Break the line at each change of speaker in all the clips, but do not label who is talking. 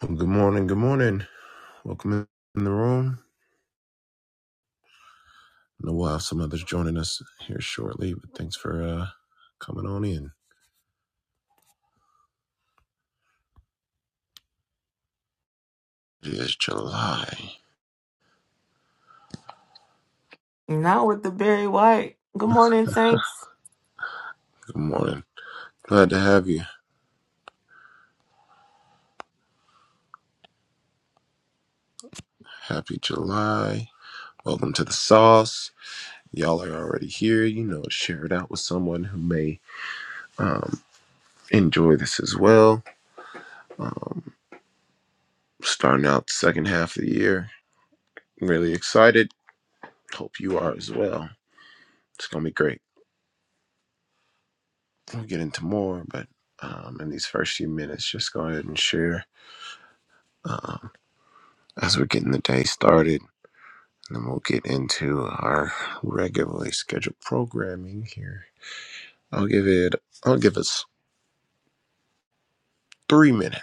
Well, Good morning. Good morning. Welcome in the room. I know we'll have some others joining us here shortly, but thanks for uh, coming on in. It is July.
Not with the Barry White. Good morning, Saints.
Good morning. Glad to have you. Happy July. Welcome to the sauce. Y'all are already here. You know, share it out with someone who may um, enjoy this as well. Um, starting out the second half of the year. I'm really excited. Hope you are as well. It's going to be great. We'll get into more, but um, in these first few minutes, just go ahead and share um, as we're getting the day started. And then we'll get into our regularly scheduled programming here. I'll give it, I'll give us three minutes.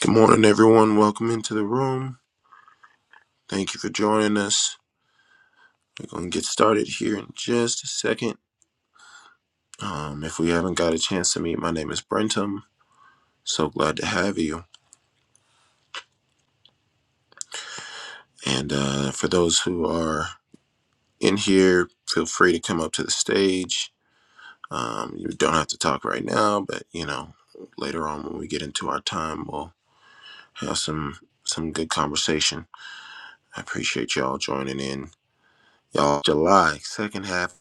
Good morning, everyone. Welcome into the room. Thank you for joining us. We're going to get started here in just a second. Um, if we haven't got a chance to meet, my name is Brentum. So glad to have you. And uh, for those who are in here, feel free to come up to the stage. Um, you don't have to talk right now, but you know, later on when we get into our time, we'll have some some good conversation. I appreciate y'all joining in. Y'all, July second half,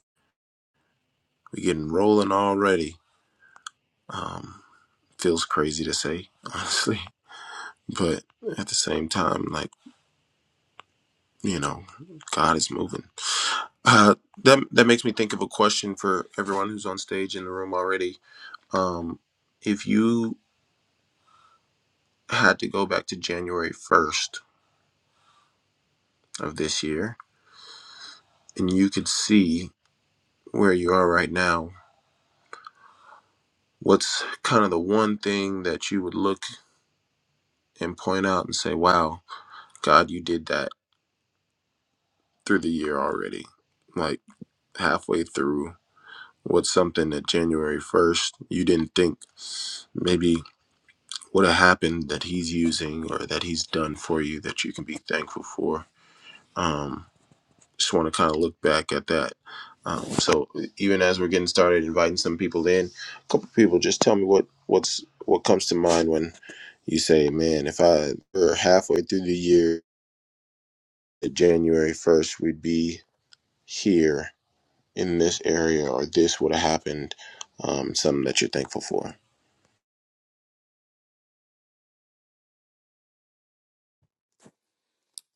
we getting rolling already. Um, feels crazy to say, honestly, but at the same time, like you know, God is moving. Uh, that that makes me think of a question for everyone who's on stage in the room already. Um, if you had to go back to January 1st of this year, and you could see where you are right now, what's kind of the one thing that you would look and point out and say, wow, God, you did that through the year already? Like halfway through, what's something that January 1st you didn't think maybe would have happened that He's using or that He's done for you that you can be thankful for? Um, just want to kind of look back at that. Um, so even as we're getting started, inviting some people in, a couple people, just tell me what what's what comes to mind when you say, "Man, if I were halfway through the year, January first, we'd be here in this area, or this would have happened." Um, something that you're thankful for.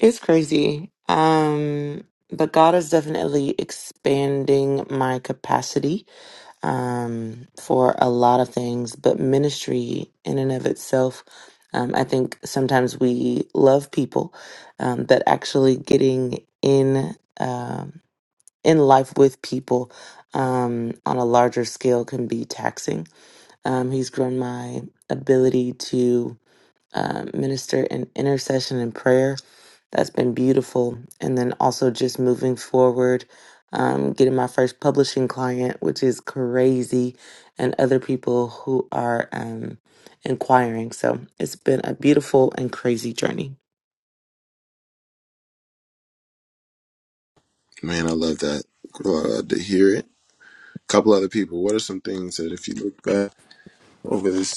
It's crazy. Um, but God is definitely expanding my capacity um, for a lot of things, but ministry in and of itself. Um, I think sometimes we love people, um, but actually getting in um, in life with people um, on a larger scale can be taxing. Um, he's grown my ability to uh, minister in intercession and prayer. That's been beautiful. And then also just moving forward, um, getting my first publishing client, which is crazy, and other people who are um, inquiring. So it's been a beautiful and crazy journey.
Man, I love that. Glad to hear it. A couple other people. What are some things that if you look back over this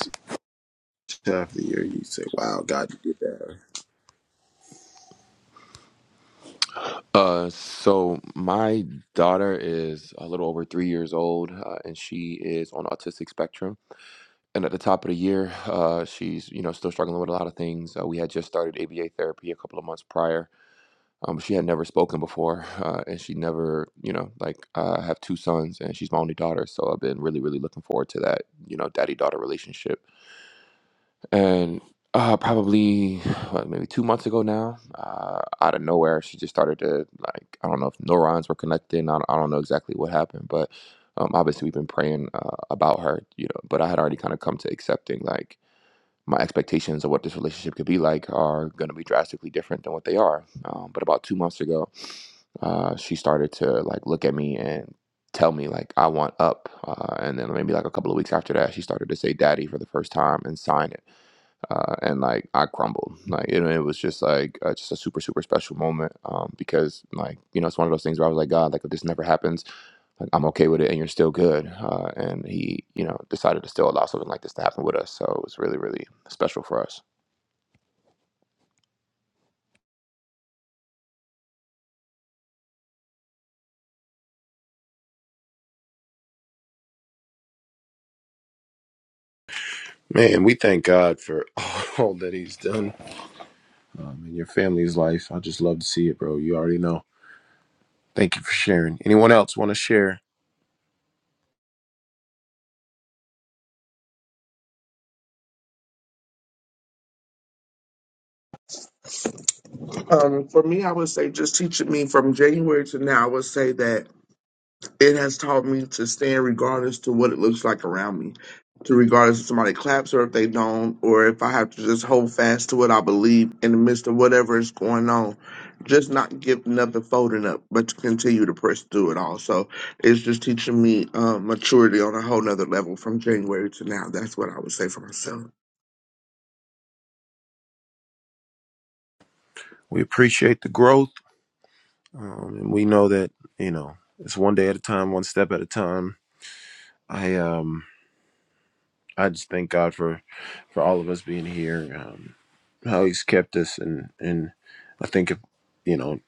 half of the year, you say, "Wow, God did that,"
Uh, so my daughter is a little over three years old, uh, and she is on autistic spectrum. And at the top of the year, uh, she's you know still struggling with a lot of things. Uh, we had just started ABA therapy a couple of months prior. Um, she had never spoken before, uh, and she never you know like uh, I have two sons, and she's my only daughter, so I've been really really looking forward to that you know daddy daughter relationship and uh, probably what, maybe two months ago now, uh, out of nowhere, she just started to like I don't know if neurons were connecting. I don't, I don't know exactly what happened, but um, obviously we've been praying uh, about her, you know. But I had already kind of come to accepting like my expectations of what this relationship could be like are going to be drastically different than what they are. Um, but about two months ago, uh, she started to like look at me and tell me like I want up, uh, and then maybe like a couple of weeks after that, she started to say "daddy" for the first time and sign it uh, and like I crumbled. Like it, it was just like uh, just a super super special moment um, because like you know it's one of those things where I was like God, like if this never happens, like I'm okay with it, and you're still good. Uh, and he, you know, decided to still allow something like this to happen with us. So it was really really special for us.
Man, we thank God for all that He's done um, in your family's life. I just love to see it, bro. You already know. Thank you for sharing. Anyone else want to share?
Um, for me, I would say just teaching me from January to now, I would say that it has taught me to stand regardless to what it looks like around me, to regardless if somebody claps or if they don't, or if I have to just hold fast to what I believe in the midst of whatever is going on. Just not giving up and folding up, but to continue to press through it all. So it's just teaching me um, maturity on a whole nother level from January to now. That's what I would say for myself.
We appreciate the growth, um, and we know that you know it's one day at a time, one step at a time. I um, I just thank God for for all of us being here, um, how He's kept us, and and I think if you know,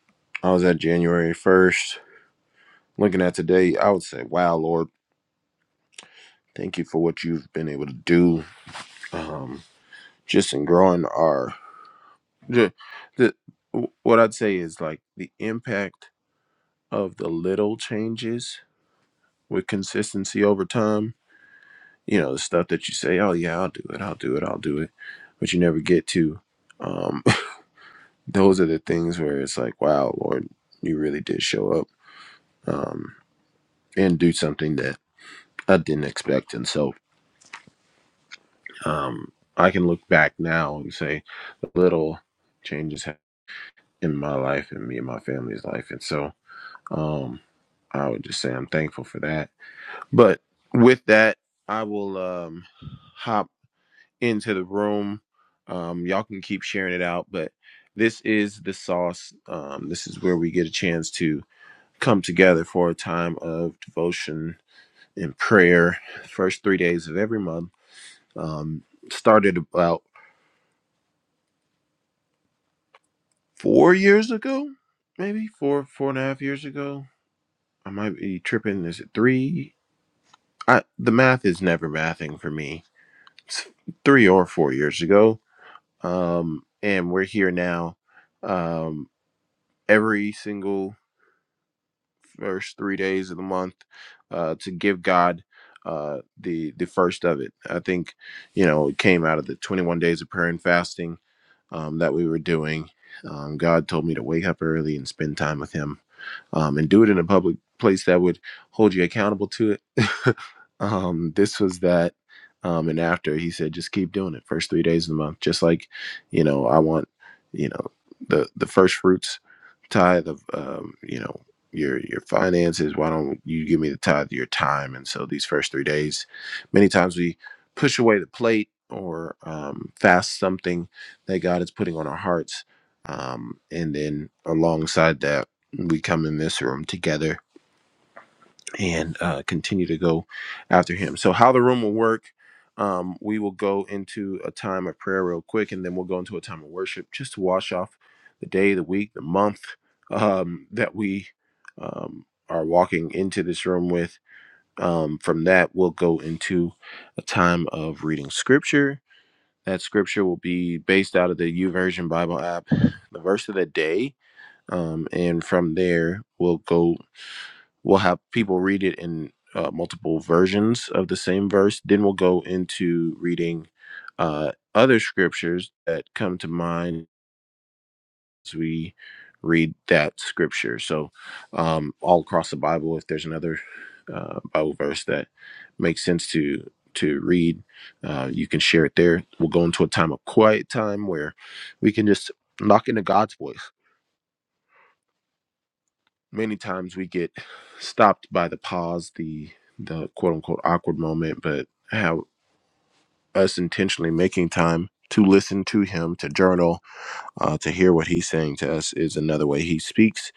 I was at January first. Looking at today, I would say, "Wow, Lord, thank you for what you've been able to do." Um, just in growing our the, the what I'd say is like the impact of the little changes with consistency over time. You know, the stuff that you say, "Oh yeah, I'll do it, I'll do it, I'll do it," but you never get to. Um, those are the things where it's like, "Wow, Lord, you really did show up um, and do something that I didn't expect." And so, um, I can look back now and say, the little changes ha- in my life and me and my family's life, and so Um, I would just say I'm thankful for that. But with that, I will um, hop into the room. Um, y'all can keep sharing it out, but this is the sauce. Um, this is where we get a chance to come together for a time of devotion and prayer. First three days of every month. Um, started about four years ago, maybe four, four and a half years ago. I might be tripping. Is it three? I, the math is never mathing for me three or four years ago. Um, and we're here now um, every single first three days of the month uh, to give God uh, the the first of it. I think you know it came out of the 21 days of prayer and fasting um, that we were doing. Um, God told me to wake up early and spend time with Him um, and do it in a public place that would hold you accountable to it. um, this was that. Um, and after he said, just keep doing it. First three days of the month, just like, you know, I want, you know, the the first fruits tithe of, um, you know, your your finances. Why don't you give me the tithe of your time? And so these first three days, many times we push away the plate or um, fast something that God is putting on our hearts, um, and then alongside that we come in this room together and uh, continue to go after him. So, how the room will work, um, we will go into a time of prayer real quick, and then we'll go into a time of worship just to wash off the day, the week, the month um, that we um, are walking into this room with. Um, from that, we'll go into a time of reading scripture. That scripture will be based out of the YouVersion Bible app, the verse of the day. Um, and from there, we'll go we'll have people read it in uh, multiple versions of the same verse. Then we'll go into reading uh, other scriptures that come to mind as we read that scripture. So, um, all across the Bible, if there's another uh, Bible verse that makes sense to to read, uh, you can share it there. We'll go into a time of quiet time where we can just lock into God's voice many times we get stopped by the pause, the the quote unquote awkward moment, but how us intentionally making time to listen to him, to journal, uh, to hear what he's saying to us is another way he speaks,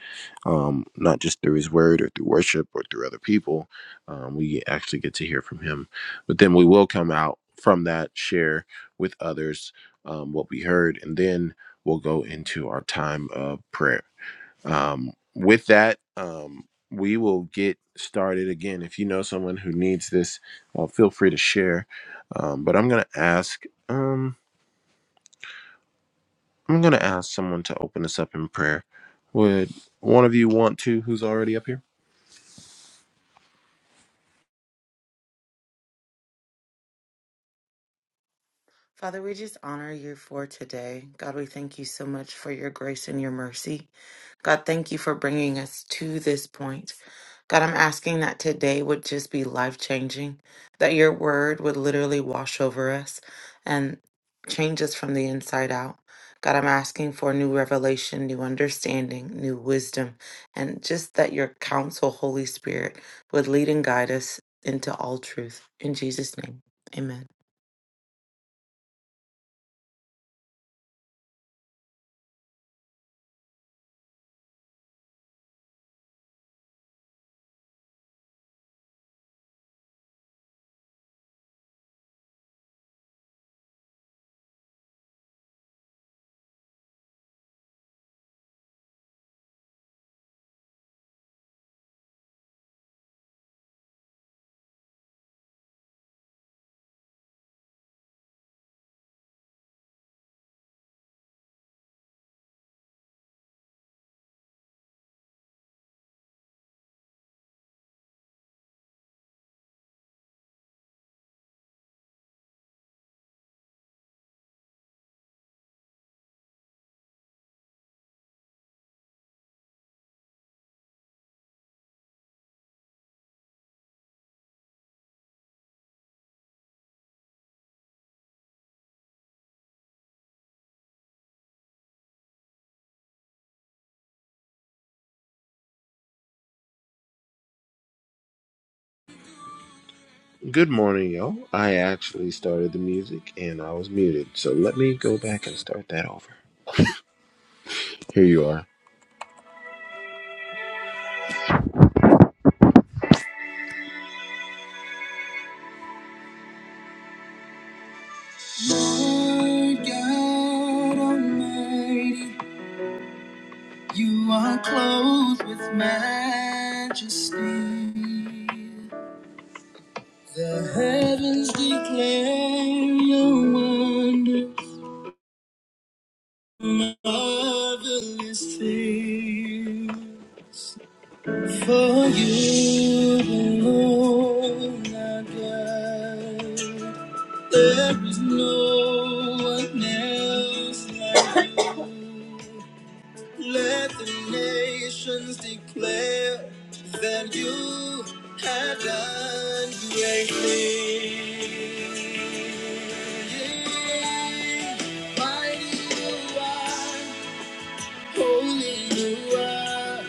um, not just through his word or through worship or through other people. Um, we actually get to hear from him. But then we will come out from that, share with others um, what we heard, and then we'll go into our time of prayer. Um, with that, um, we will get started again. If you know someone who needs this, uh, feel free to share. Um, but I'm going to ask, um, I'm going to ask someone to open us up in prayer. Would one of you want to? Who's already up here?
Father, we just honor you for today. God, we thank you so much for your grace and your mercy. God, thank you for bringing us to this point. God, I'm asking that today would just be life changing, that your word would literally wash over us and change us from the inside out. God, I'm asking for new revelation, new understanding, new wisdom, and just that your counsel, Holy Spirit, would lead and guide us into all truth. In Jesus' name, amen.
Good morning, y'all. I actually started the music and I was muted, so let me go back and start that over. Here you are. Lord God Almighty, You are clothed with majesty. The heavens declare your wonder, marvelous things. For you alone are God. There is no one else like you. Let the nations declare that you have done great things. Mighty you are, holy you are,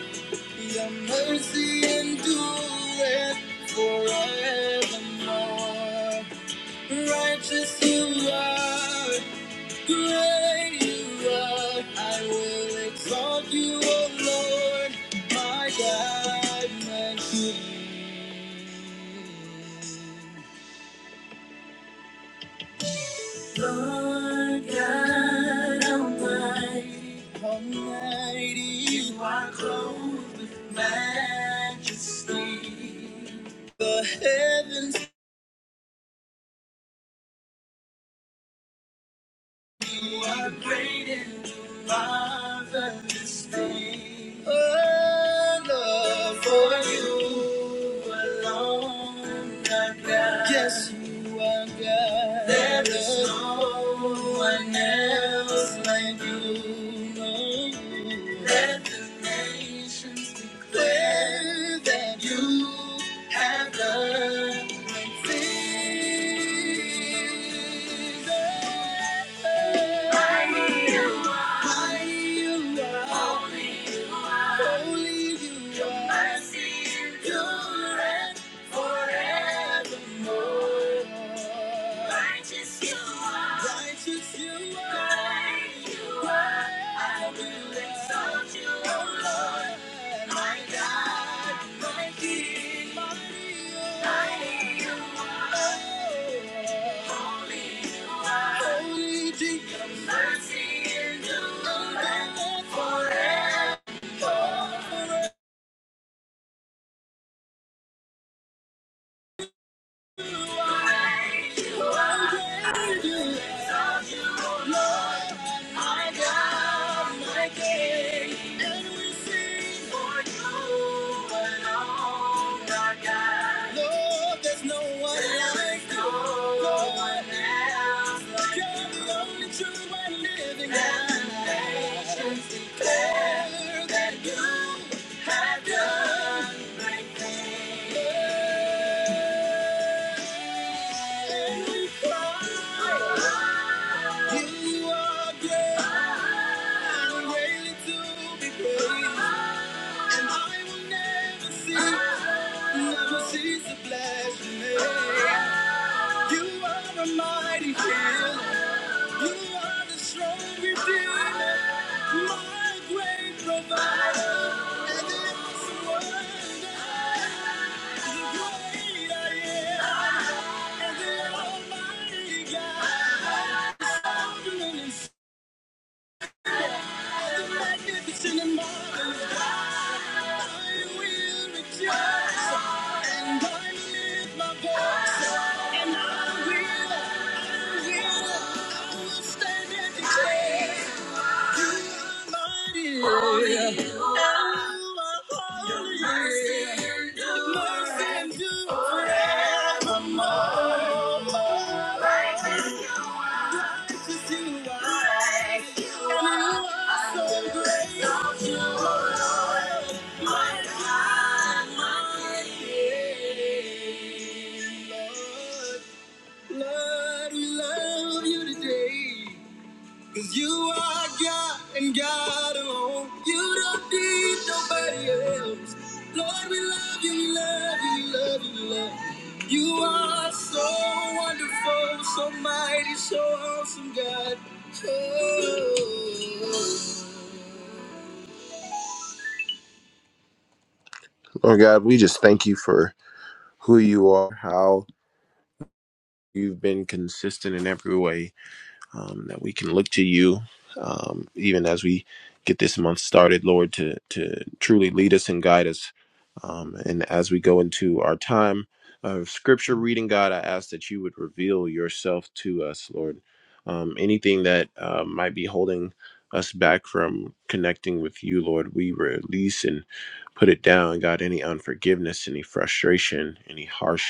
your mercy endureth forevermore. Righteous you are. Great you are, I will exalt you, O Lord, my God, my King. Lord God Almighty, Almighty, you are clothed with majesty. The heavens. You are great and marvelous things. Oh, Lord, for you alone are God. Yes, you are God. There is no one else like you. No. Let the nation actions declare that you have done great things. Mighty you are. Mighty you are. Holy you are. Holy you are. Your mercy endures forevermore. Righteous you are. Righteous you are. Great you are. I will exalt you, O Lord. My God, my King, mighty you are. Holy you are. Holy Your mercy endures forever. Lord, there's no one like you. Never cease to bless your name. You are a mighty healer. You are the strong redeemer. My great provider. And the awesome wonder. The great I am. And the almighty God. Sovereign and Forevermore. Just you are. You are so great. Don't you worry, my God, my King. Lord, Lord, we love you today. Cause you are God and God alone. You don't need nobody else. Lord, we love you, we love you, we love you, we love you. You are so wonderful, so mighty, so awesome, God. Oh. Lord God, we just thank you for who you are, how you've been consistent in every way. um, that we can look to you um, even as we get this month started, Lord, to, to truly lead us and guide us. Um, and as we go into our time of scripture reading, God, I ask that you would reveal yourself to us, Lord. Um, anything that uh, might be holding us back from connecting with you, Lord, we release and put it down. God, any unforgiveness, any frustration, any harsh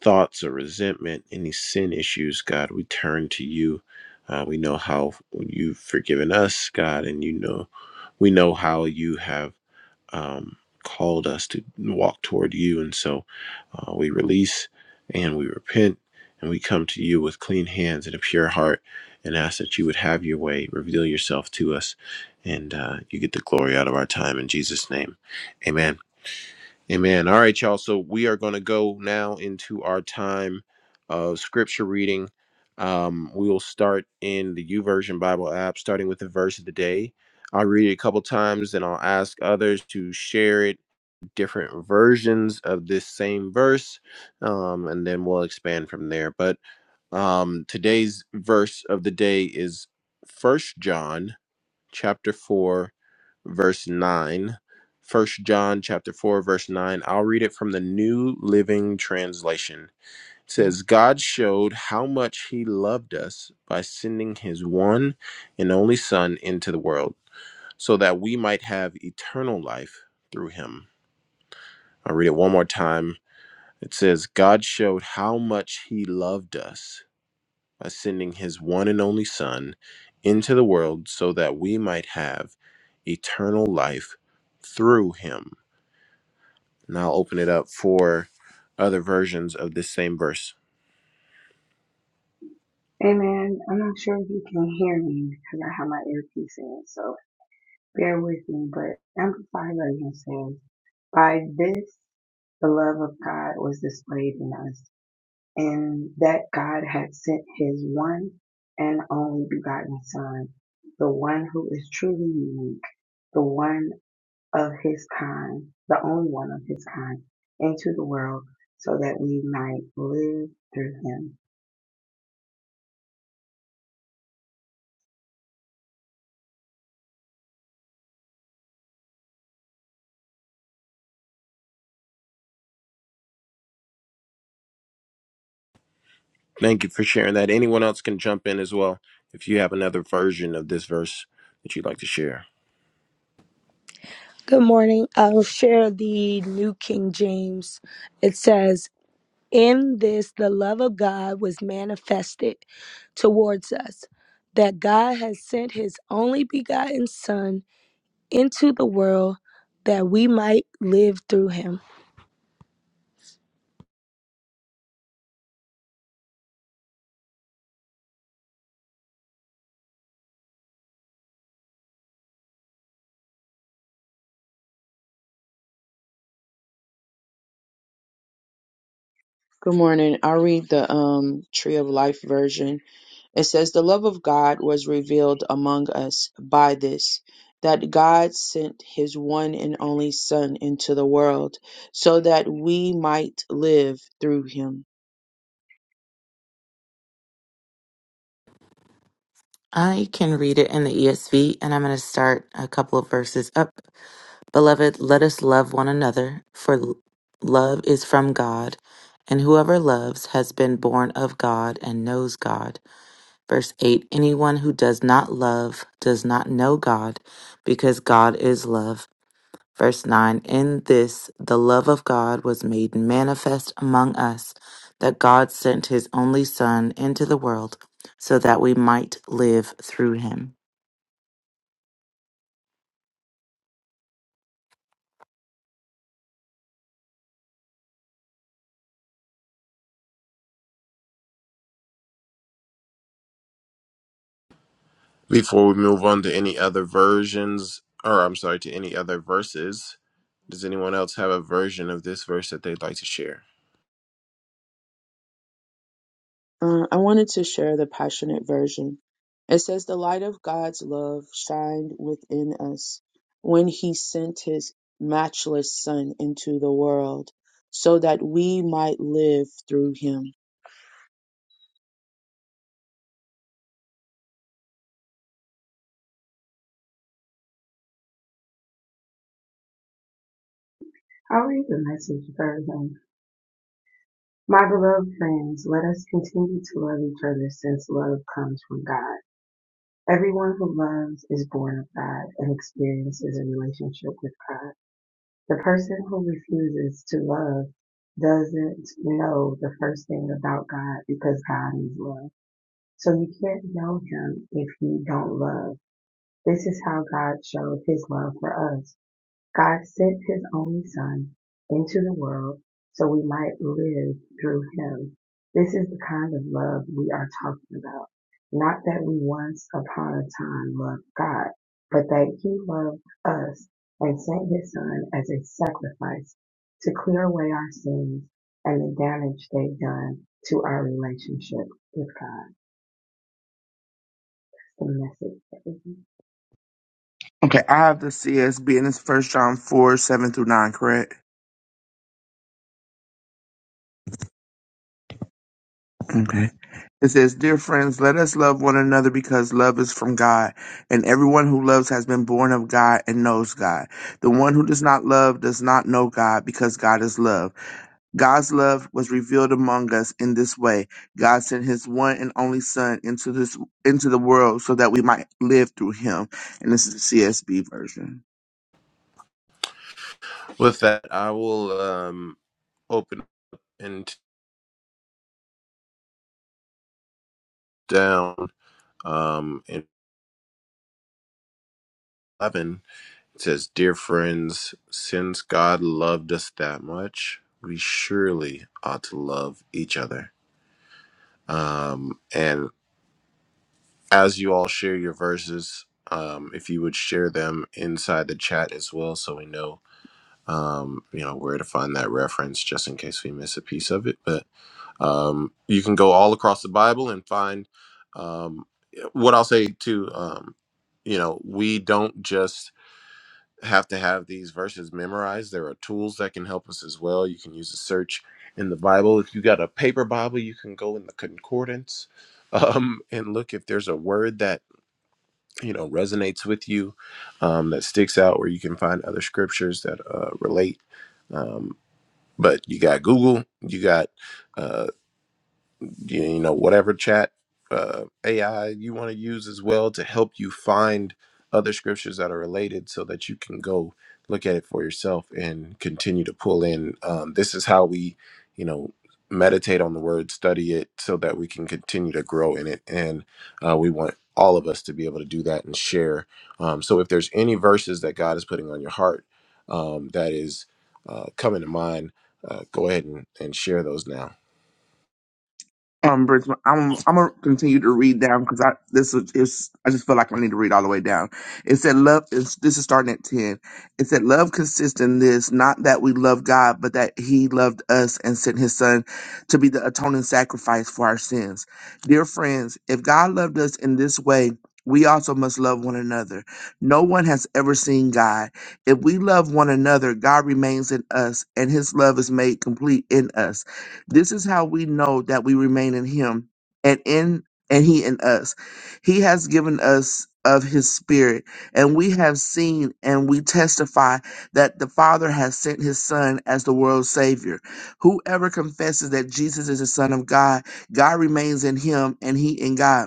thoughts of resentment, any sin issues, God, we turn to you. Uh, we know how you've forgiven us, God, and you know we know how you have um, called us to walk toward you, and so uh, we release and we repent and we come to you with clean hands and a pure heart and ask that you would have your way, reveal yourself to us, and uh, you get the glory out of our time in Jesus' name, Amen. Amen. All right, y'all. So we are going to go now into our time of scripture reading. Um, we will start in the U Version Bible app, starting with the verse of the day. I'll read it a couple times, and I'll ask others to share it, different versions of this same verse, um, and then we'll expand from there. But um, today's verse of the day is First John chapter 4, verse 9. 1 John chapter 4, verse 9. I'll read it from the New Living Translation. It says, God showed how much he loved us by sending his one and only Son into the world so that we might have eternal life through him. I'll read it one more time. It says, God showed how much he loved us by sending his one and only Son into the world so that we might have eternal life through him. And I'll open it up for other versions of this same verse.
Amen. I'm not sure if you can hear me because I have my earpiece in, so bear with me. But Amplified Version says, By this, the love of God was displayed in us, and that God had sent his one and only begotten Son, the one who is truly unique, the one of his kind, the only one of his kind, into the world so that we might live through him.
Thank you for sharing that. Anyone else can jump in as well if you have another version of this verse that you'd like to share.
Good morning. I'll share the New King James. It says, In this the love of God was manifested towards us, that God has sent his only begotten Son into the world that we might live through him.
Good morning. I read the um, Tree of Life version. It says, The love of God was revealed among us by this, that God sent his one and only Son into the world so that we might live through him.
I can read it in the ESV, and I'm going to start a couple of verses up. Beloved, let us love one another, for l- love is from God, and whoever loves has been born of God and knows God. Verse 8 Anyone who does not love does not know God, because God is love. Verse 9 In this, the love of God was made manifest among us, that God sent his only Son into the world so that we might live through him.
Before we move on to any other versions, or I'm sorry, to any other verses, does anyone else have a version of this verse that they'd like to share?
Uh, I wanted to share the Passionate version. It says, The light of God's love shined within us when he sent his matchless Son into the world so that we might live through him.
I'll read the message version My beloved friends, let us continue to love each other since love comes from God. Everyone who loves is born of God and experiences a relationship with God. The person who refuses to love doesn't know the first thing about God because God is love. So you can't know him if you don't love. This is how God showed his love for us. God sent his only Son into the world so we might live through him. This is the kind of love we are talking about. Not that we once upon a time loved God, but that he loved us and sent his Son as a sacrifice to clear away our sins and the damage they've done to our relationship with God. The message.
Okay, I have the CSB and it's First John 4, 7 through 9, correct? Okay. It says, Dear friends, let us love one another because love is from God, and everyone who loves has been born of God and knows God. The one who does not love does not know God because God is love. God's love was revealed among us in this way. God sent his one and only son into this into the world so that we might live through him. And this is the CSB version.
With that, I will um, open. down um, in 11 it says dear friends since god loved us that much we surely ought to love each other um, and as you all share your verses um, if you would share them inside the chat as well so we know um, you know where to find that reference just in case we miss a piece of it but um, you can go all across the bible and find um, what i'll say too um, you know we don't just have to have these verses memorized. There are tools that can help us as well. You can use a search in the Bible. If you got a paper Bible, you can go in the concordance um, and look if there's a word that you know resonates with you, um, that sticks out, where you can find other scriptures that uh, relate. Um, but you got Google, you got uh, you, you know whatever chat uh, AI you want to use as well to help you find other scriptures that are related so that you can go look at it for yourself and continue to pull in um, this is how we you know meditate on the word study it so that we can continue to grow in it and uh, we want all of us to be able to do that and share um, so if there's any verses that god is putting on your heart um, that is uh, coming to mind uh, go ahead and, and share those now
Um, Bridgman, I'm I'm gonna continue to read down because I this is is- I just feel like I need to read all the way down. It said love is this is starting at ten. It said love consists in this, not that we love God, but that He loved us and sent His Son to be the atoning sacrifice for our sins. Dear friends, if God loved us in this way. We also must love one another. No one has ever seen God. If we love one another, God remains in us, and his love is made complete in us. This is how we know that we remain in him and in and he in us. He has given us of his spirit, and we have seen and we testify that the Father has sent his Son as the world's Savior. Whoever confesses that Jesus is the Son of God, God remains in him and he in God.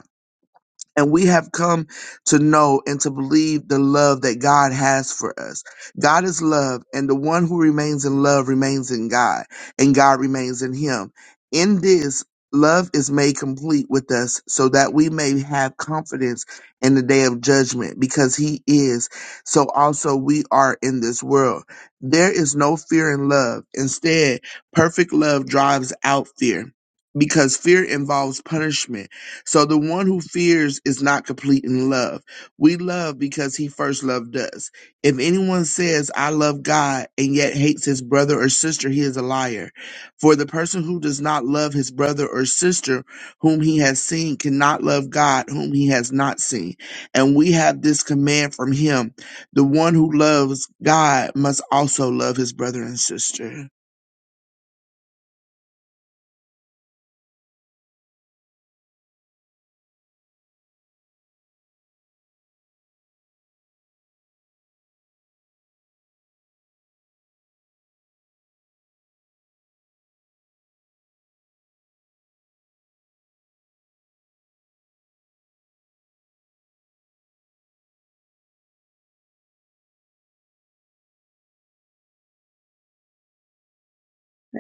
And we have come to know and to believe the love that God has for us. God is love, and the one who remains in love remains in God, and God remains in him. In this, love is made complete with us so that we may have confidence in the day of judgment because he is. So also we are in this world. There is no fear in love. Instead, perfect love drives out fear because fear involves punishment so the one who fears is not complete in love. We love because he first loved us. If anyone says, I love God and yet hates his brother or sister, he is a liar. For the person who does not love his brother or sister whom he has seen cannot love God whom he has not seen. And we have this command from him. The one who loves God must also love his brother and sister.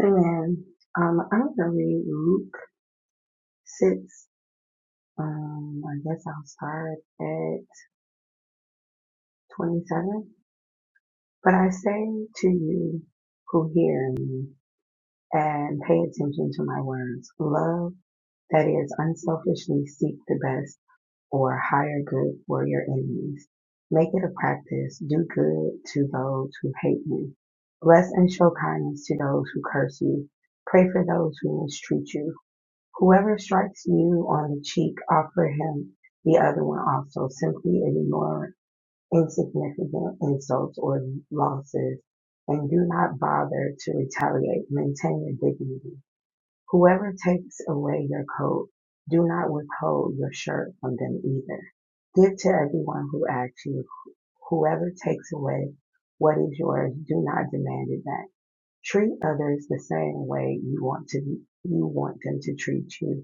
Amen. Um, I'm going to read Luke 6 Um, I guess I'll start at 27. But I say to you who hear me and pay attention to my words, love that is unselfishly seek the best or higher good for your enemies. Make it a practice. Do good to those who hate you. Bless and show kindness to those who curse you. Pray for those who mistreat you. Whoever strikes you on the cheek, offer him the other one also. Simply ignore insignificant insults or losses and do not bother to retaliate. Maintain your dignity. Whoever takes away your coat, do not withhold your shirt from them either. Give to everyone who asks you. Whoever takes away what is yours, do not demand it back. Treat others the same way you want to you want them to treat you.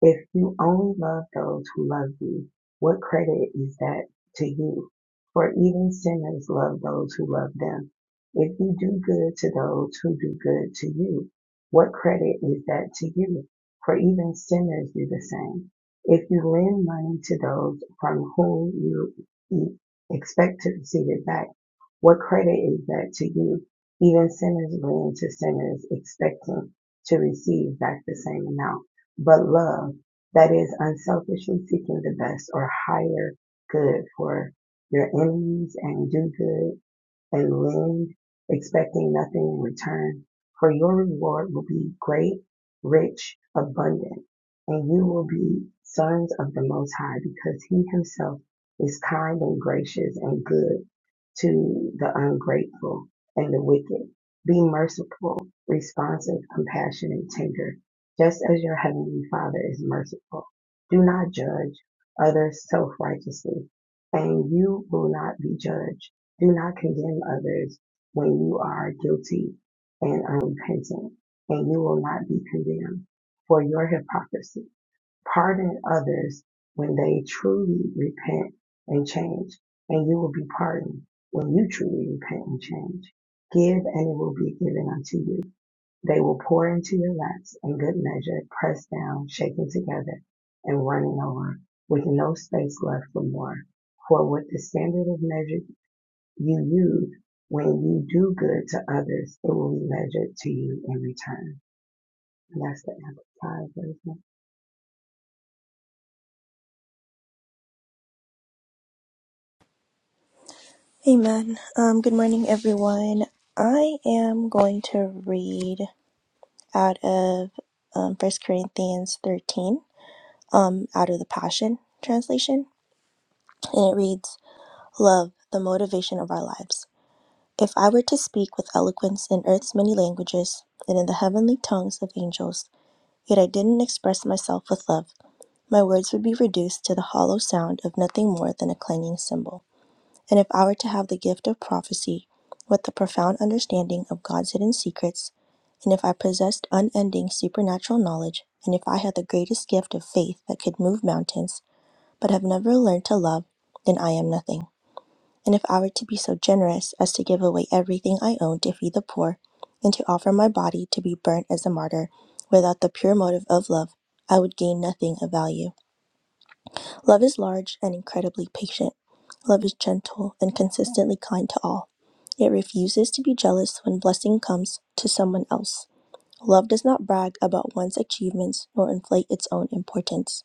If you only love those who love you, what credit is that to you? For even sinners love those who love them. If you do good to those who do good to you, what credit is that to you? For even sinners do the same. If you lend money to those from whom you e- expect to receive it back, what credit is that to you? Even sinners lend to sinners expecting to receive back the same amount but love that is unselfishly seeking the best or higher good for your enemies and do good and lend, expecting nothing in return, for your reward will be great, rich, abundant, and you will be sons of the Most High, because He Himself is kind and gracious and good to the ungrateful and the wicked. Be merciful, responsive, compassionate, tender, just as your Heavenly Father is merciful. Do not judge others self righteously, and you will not be judged do not condemn others when you are guilty and unrepentant, and you will not be condemned for your hypocrisy. Pardon others when they truly repent and change, and you will be pardoned when you truly repent and change. Give, and it will be given unto you. They will pour into your laps in good measure, pressed down, shaken together, and running over, with no space left for more. For with the standard of measure you use. When you do good to others, it will be measured to you in return. And that's the amplified version.
Amen. Um, good morning, everyone. I am going to read out of um, 1 Corinthians 13, um, out of the Passion Translation. And it reads Love, the motivation of our lives. If I were to speak with eloquence in earth's many languages and in the heavenly tongues of angels, yet I didn't express myself with love, my words would be reduced to the hollow sound of nothing more than a clanging cymbal. And if I were to have the gift of prophecy with the profound understanding of God's hidden secrets, and if I possessed unending supernatural knowledge, and if I had the greatest gift of faith that could move mountains, but have never learned to love, then I am nothing. And if I were to be so generous as to give away everything I own to feed the poor, and to offer my body to be burnt as a martyr, without the pure motive of love, I would gain nothing of value. Love is large and incredibly patient. Love is gentle and consistently kind to all. It refuses to be jealous when blessing comes to someone else. Love does not brag about one's achievements nor inflate its own importance.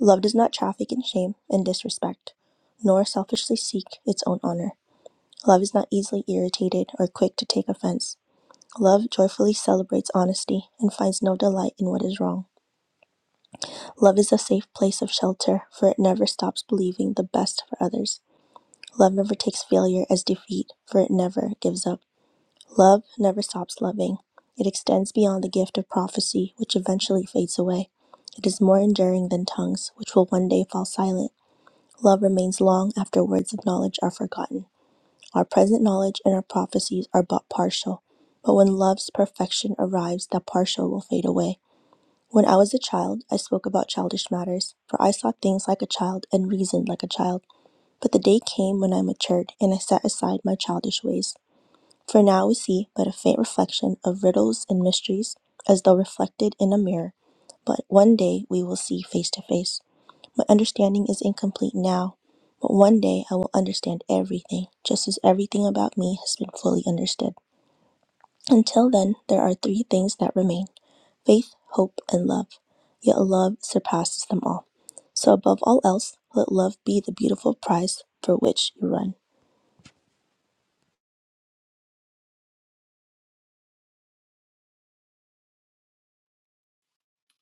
Love does not traffic in shame and disrespect, nor selfishly seek its own honor. Love is not easily irritated or quick to take offense. Love joyfully celebrates honesty and finds no delight in what is wrong. Love is a safe place of shelter, for it never stops believing the best for others. Love never takes failure as defeat, for it never gives up. Love never stops loving. It extends beyond the gift of prophecy, which eventually fades away. It is more enduring than tongues, which will one day fall silent. Love remains long after words of knowledge are forgotten. Our present knowledge and our prophecies are but partial, but when love's perfection arrives, that partial will fade away. When I was a child, I spoke about childish matters, for I saw things like a child and reasoned like a child. But the day came when I matured, and I set aside my childish ways. For now we see but a faint reflection of riddles and mysteries, as though reflected in a mirror. But one day we will see face to face. My understanding is incomplete now, but one day I will understand everything, just as everything about me has been fully understood. Until then, there are three things that remain faith, hope, and love. Yet love surpasses them all. So, above all else, let love be the beautiful prize for which you run.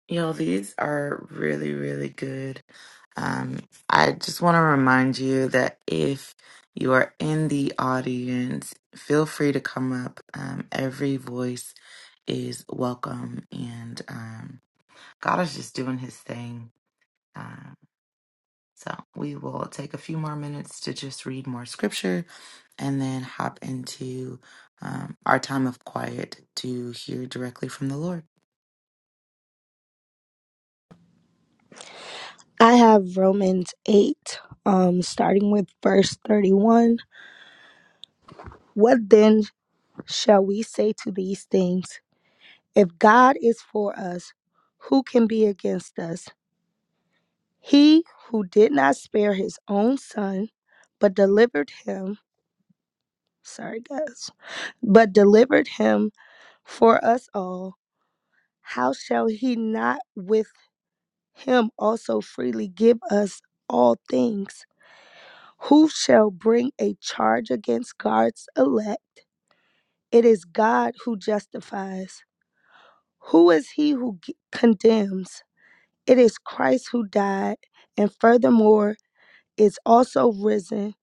Yo, these are really, really good. Um, I just want to remind you that if you are in the audience, feel free to come up. Um, every voice is welcome, and um, God is just doing his thing. Um, so we will take a few more minutes to just read more scripture and then hop into um, our time of quiet to hear directly from the Lord.
I have Romans 8, um, starting with verse 31. What then shall we say to these things? If God is for us, who can be against us? He who did not spare his own son, but delivered him, sorry guys, but delivered him for us all, how shall he not with him also freely give us all things? Who shall bring a charge against God's elect? It is God who justifies. Who is he who g- condemns? It is Christ who died, and furthermore is also risen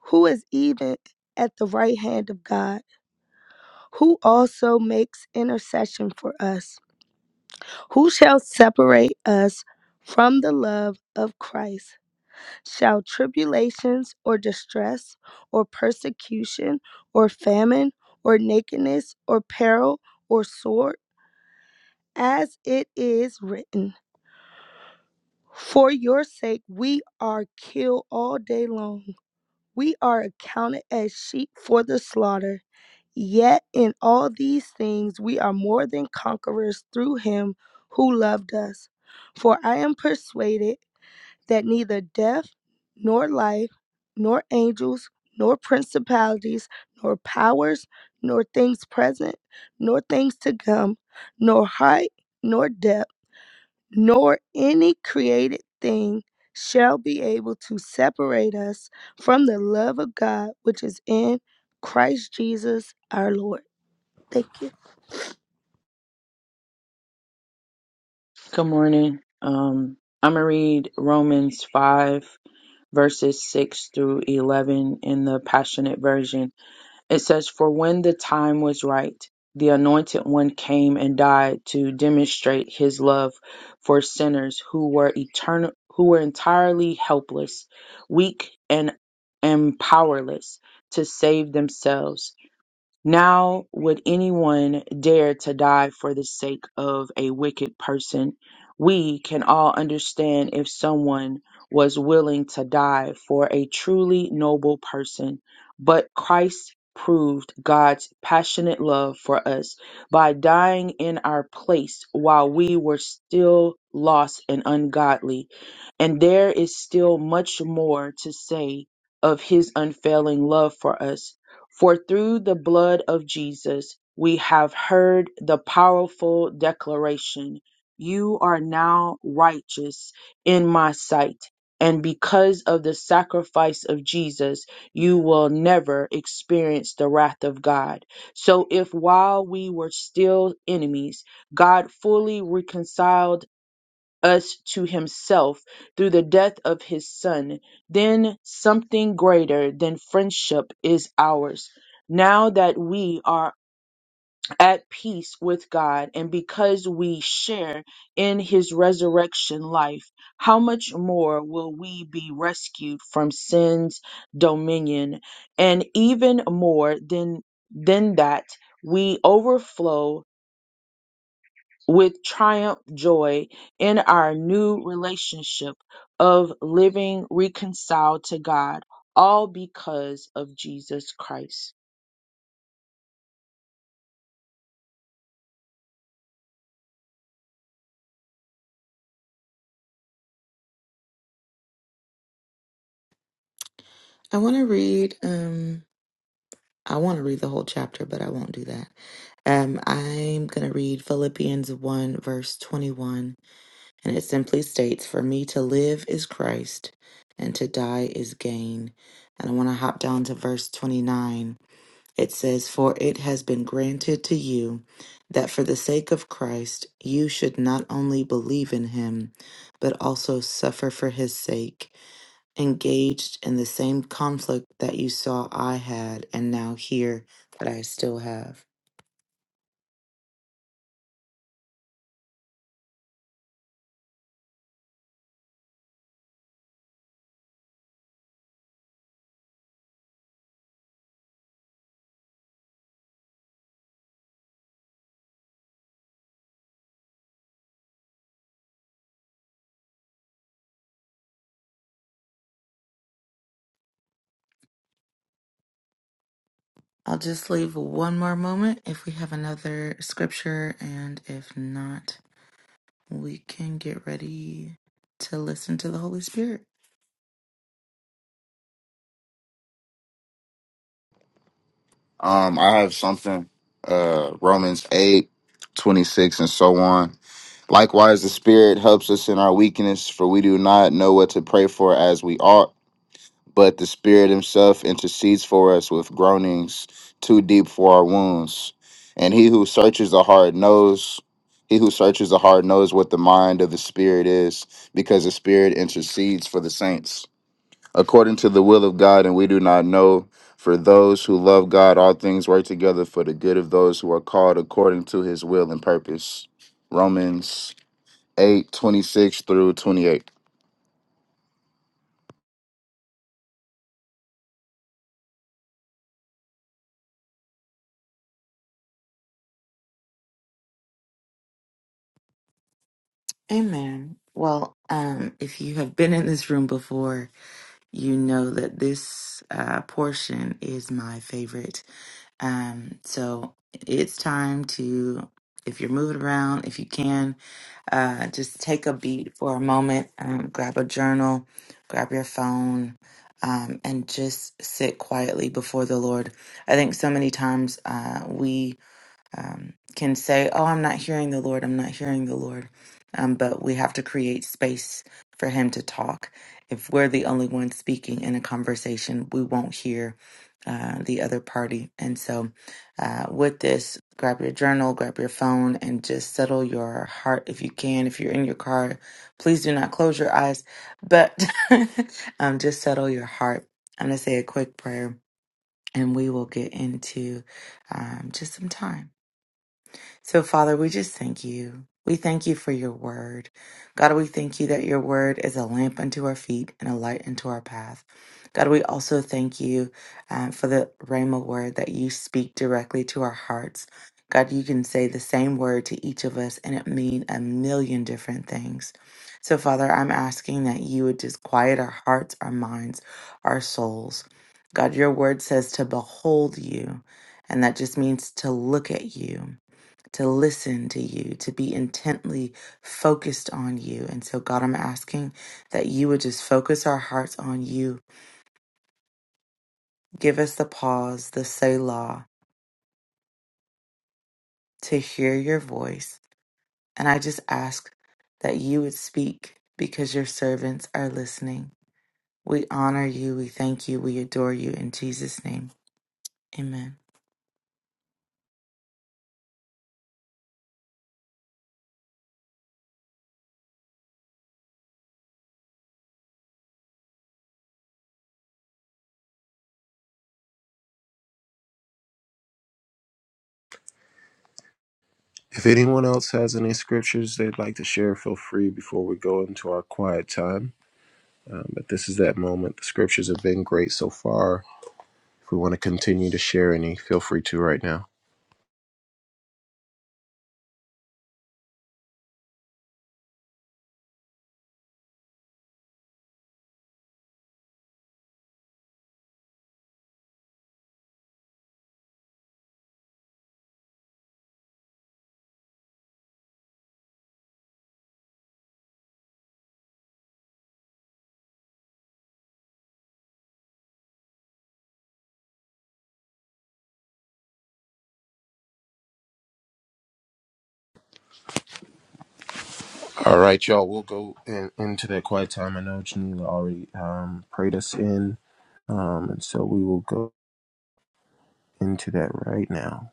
who is even at the right hand of God, who also makes intercession for us. Who shall separate us from the love of Christ? Shall tribulations or distress or persecution or famine or nakedness or peril or sword? As it is written, For your sake we are killed all day long. We are accounted as sheep for the slaughter. Yet in all these things we are more than conquerors through him who loved us. For I am persuaded that neither death, nor life, nor angels, nor principalities, nor powers, nor things present, nor things to come, nor height, nor depth nor any created thing shall be able to separate us from the love of God which is in Christ Jesus our Lord. Thank you.
Good morning. Um, I'm going to read Romans 5, verses 6 through 11 in the Passionate Version. It says, For when the time was right, the Anointed One came and died to demonstrate his love for sinners who were eternal, who were entirely helpless, weak, and, and powerless to save themselves. Now would anyone dare to die for the sake of a wicked person? We can all understand if someone was willing to die for a truly noble person, but Christ proved God's passionate love for us by dying in our place while we were still lost and ungodly. And there is still much more to say of his unfailing love for us. For through the blood of Jesus, we have heard the powerful declaration You are now righteous in my sight. And because of the sacrifice of Jesus, you will never experience the wrath of God. So, if while we were still enemies, God fully reconciled us to himself through the death of his son, then something greater than friendship is ours. Now that we are at peace with God and because we share in his resurrection life, how much more will we be rescued from sin's dominion? And even more than, than that, we overflow with triumph joy in our new relationship of living reconciled to God, all because of Jesus Christ.
I want to read. Um, I want to read the whole chapter, but I won't do that. Um, I'm going to read Philippians 1, verse 21, and it simply states, For me to live is Christ, and to die is gain. And I want to hop down to verse 29. It says, For it has been granted to you that for the sake of Christ you should not only believe in him, but also suffer for his sake engaged in the same conflict that you saw I had and now hear that I still have. I'll just leave one more moment if we have another scripture, and if not, we can get ready to listen to the Holy Spirit.
Um, I have something, uh, Romans 8 26 and so on. Likewise, the Spirit helps us in our weakness, for we do not know what to pray for as we ought, but the Spirit Himself intercedes for us with groanings too deep for our wounds. And He who searches the heart knows. He who searches the heart knows what the mind of the Spirit is, because the Spirit intercedes for the saints according to the will of God, and we do not know. For those who love God, all things work together for the good of those who are called according to his will and purpose. Romans eight twenty six through 28.
Amen. Well, um, if you have been in this room before, you know that this uh, portion is my favorite. Um, so it's time to, if you're moving around, if you can, uh, just take a beat for a moment, um, grab a journal, grab your phone, um, and just sit quietly before the Lord. I think so many times uh, we um, can say, Oh, I'm not hearing the Lord, I'm not hearing the Lord. Um, but we have to create space for Him to talk. If we're the only one speaking in a conversation, we won't hear uh, the other party. And so, uh, with this, grab your journal, grab your phone, and just settle your heart if you can. If you're in your car, please do not close your eyes, but um, just settle your heart. I'm going to say a quick prayer and we will get into um, just some time. So, Father, we just thank you. We thank you for your word. God, we thank you that your word is a lamp unto our feet and a light unto our path. God, we also thank you um, for the Rhema word that you speak directly to our hearts. God, you can say the same word to each of us and it mean a million different things. So, Father, I'm asking that you would just quiet our hearts, our minds, our souls. God, your word says to behold you, and that just means to look at you to listen to you, to be intently focused on you. And so, God, I'm asking that you would just focus our hearts on you. Give us the pause, the Selah, to hear your voice. And I just ask that you would speak because your servants are listening. We honor you, we thank you, we adore you in Jesus' name. Amen.
If anyone else has any scriptures they'd like to share, feel free before we go into our quiet time. Um, but this is that moment. The scriptures have been great so far. If we want to continue to share any, feel free to right now. All right, y'all. We'll go in, into that quiet time. I know Janila already um, prayed us in. Um, and so we will go into that right now.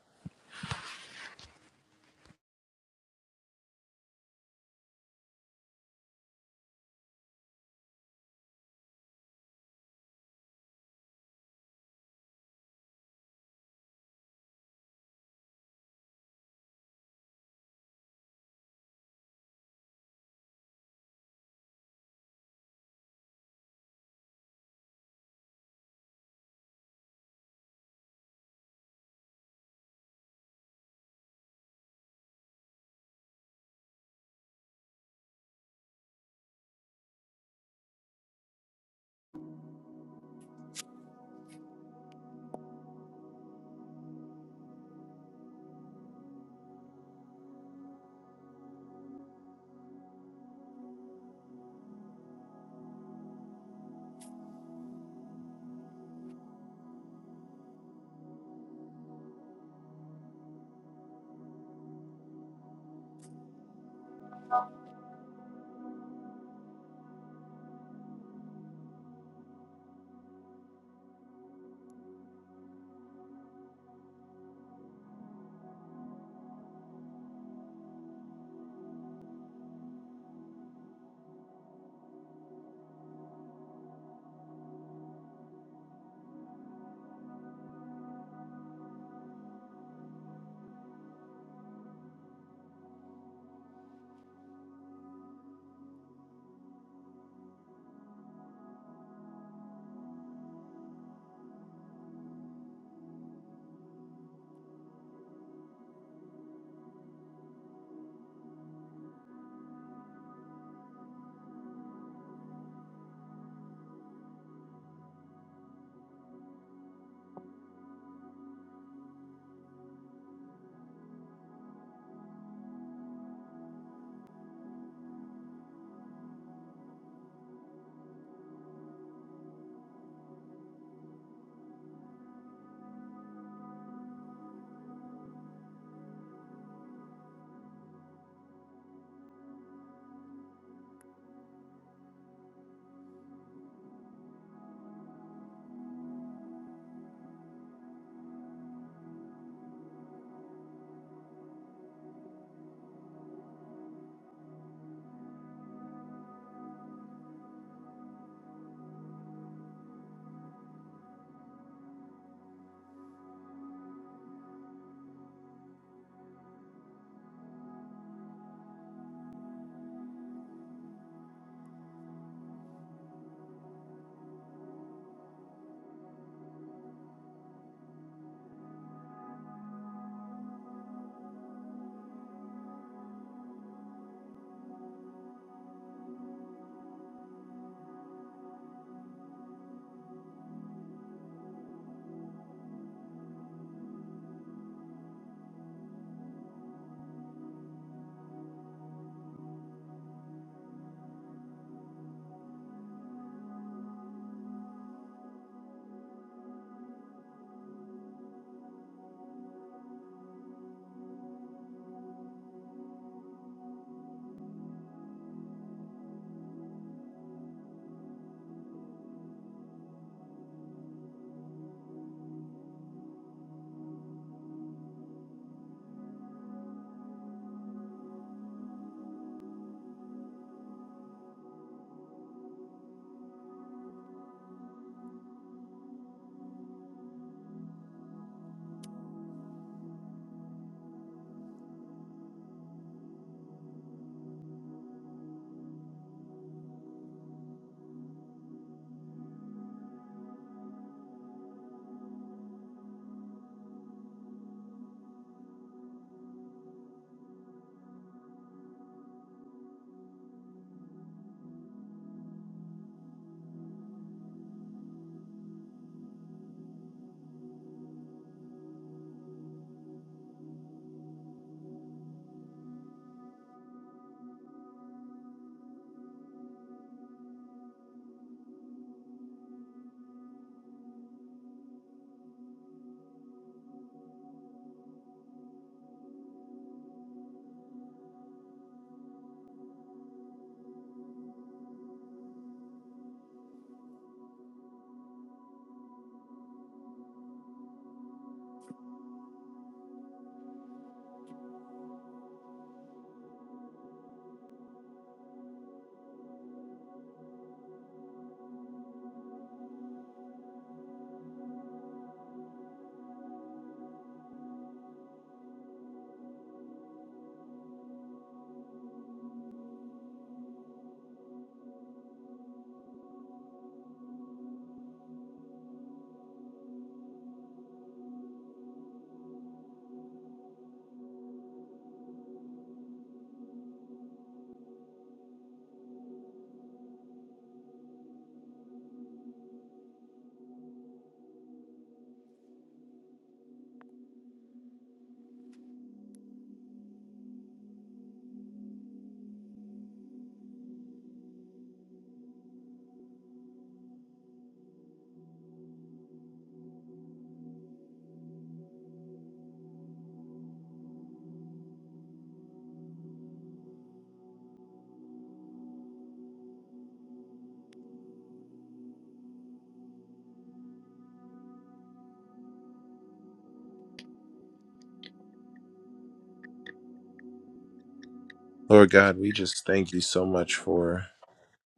Lord God, we just thank you so much for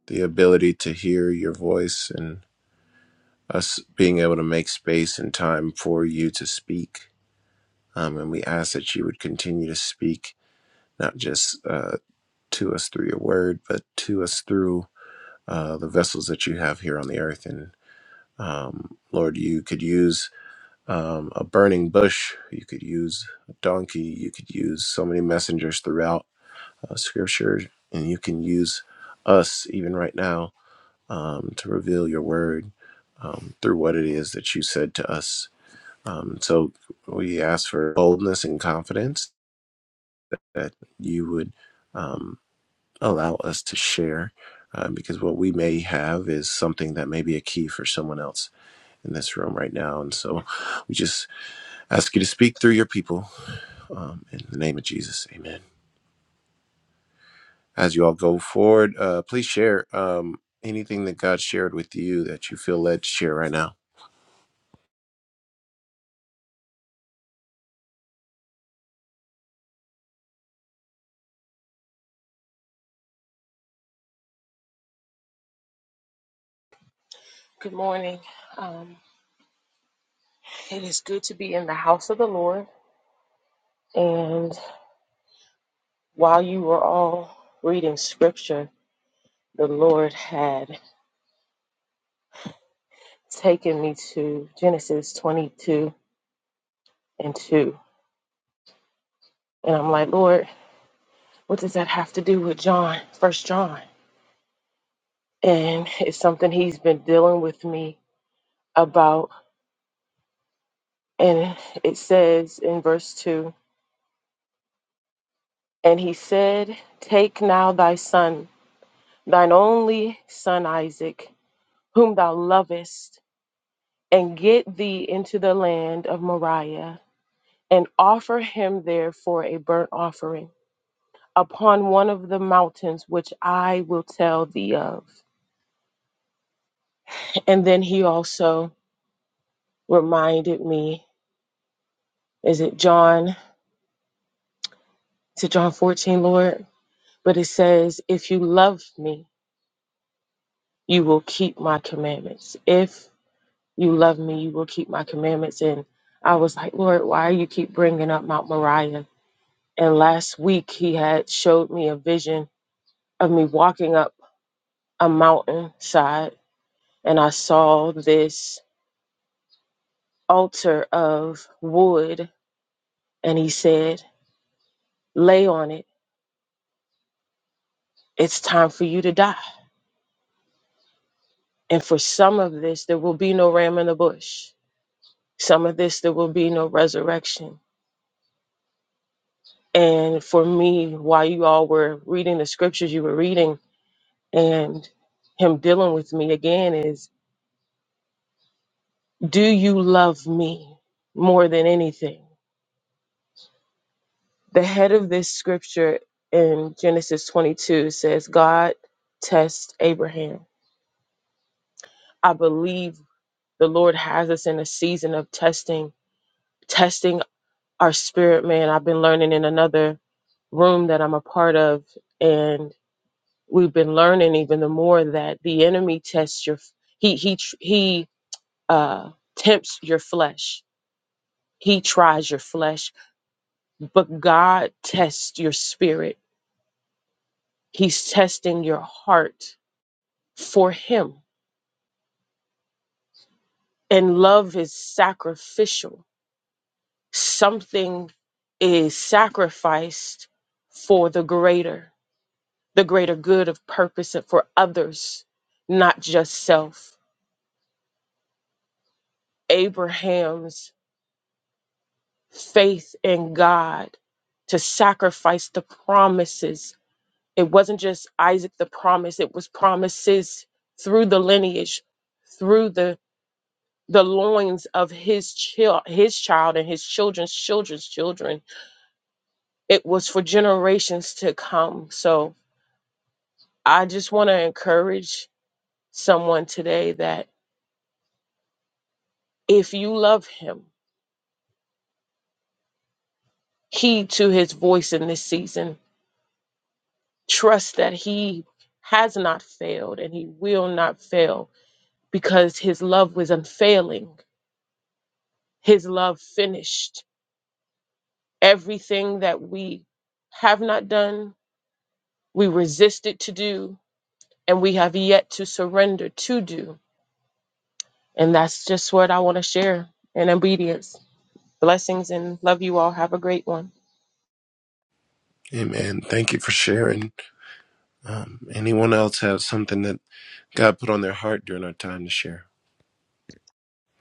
the ability to hear your voice and us being able to make space and time for you to speak. Um, and we ask that you would continue to speak not just uh, to us through your word, but to us through uh, the vessels that you have here on the earth. And um, Lord, you could use um, a burning bush, you could use a donkey, you could use so many messengers throughout uh, Scripture, and you can use us even right now um, to reveal your word um, through what it is that you said to us. Um, so we ask for boldness and confidence that you would um, allow us to share uh, because what we may have is something that may be a key for someone else in this room right now. And so we just ask you to speak through your people um, in the name of Jesus. Amen. As you all go forward, uh, please share um, anything that God shared with you that you feel led to share right now.
Good morning. Um, it is good to be in the house of the Lord. And while you were all reading scripture, the Lord had taken me to Genesis 22 and 2. And I'm like, Lord, what does that have to do with John, First John? And it's something he's been dealing with me about. And it says in verse 2 And he said, Take now thy son, thine only son Isaac, whom thou lovest and get thee into the land of Moriah, and offer him there for a burnt offering upon one of the mountains which I will tell thee of. And then he also reminded me, is it John? Is it John 14, Lord? But it says, If you love me, you will keep my commandments. If you love me, you will keep my commandments. And I was like, Lord, why you keep bringing up Mount Moriah? And last week he had showed me a vision of me walking up a mountainside and I saw this altar of wood. And he said, Lay on it. It's time for you to die. And for some of this, there will be no ram in the bush. Some of this, there will be no resurrection. And for me, while you all were reading the scriptures you were reading and him dealing with me again, is do you love me more than anything? The head of this scripture in Genesis 22 says, God tests Abraham. I believe the Lord has us in a season of testing, testing our spirit, man. I've been learning in another room that I'm a part of, and we've been learning even the more that the enemy tests your he he tr- he uh tempts your flesh. He tries your flesh, but God tests your spirit. He's testing your heart. for him. And love is sacrificial. Something is sacrificed for the greater, the greater good of purpose and for others, not just self. Abraham's faith in God to sacrifice the promises. It wasn't just Isaac the promise, it was promises through the lineage, through the the loins of his child his child and his children's children's children it was for generations to come. So I just want to encourage someone today that if you love him, heed to his voice in this season. Trust that he has not failed and he will not fail because his love was unfailing. His love finished everything that we have not done, we resisted to do, and we have yet to surrender to do. And that's just what I want to share in obedience. Blessings and love you all. Have a great one.
Amen. Thank you for sharing. Um, anyone else have something that God put on their heart during our time to share?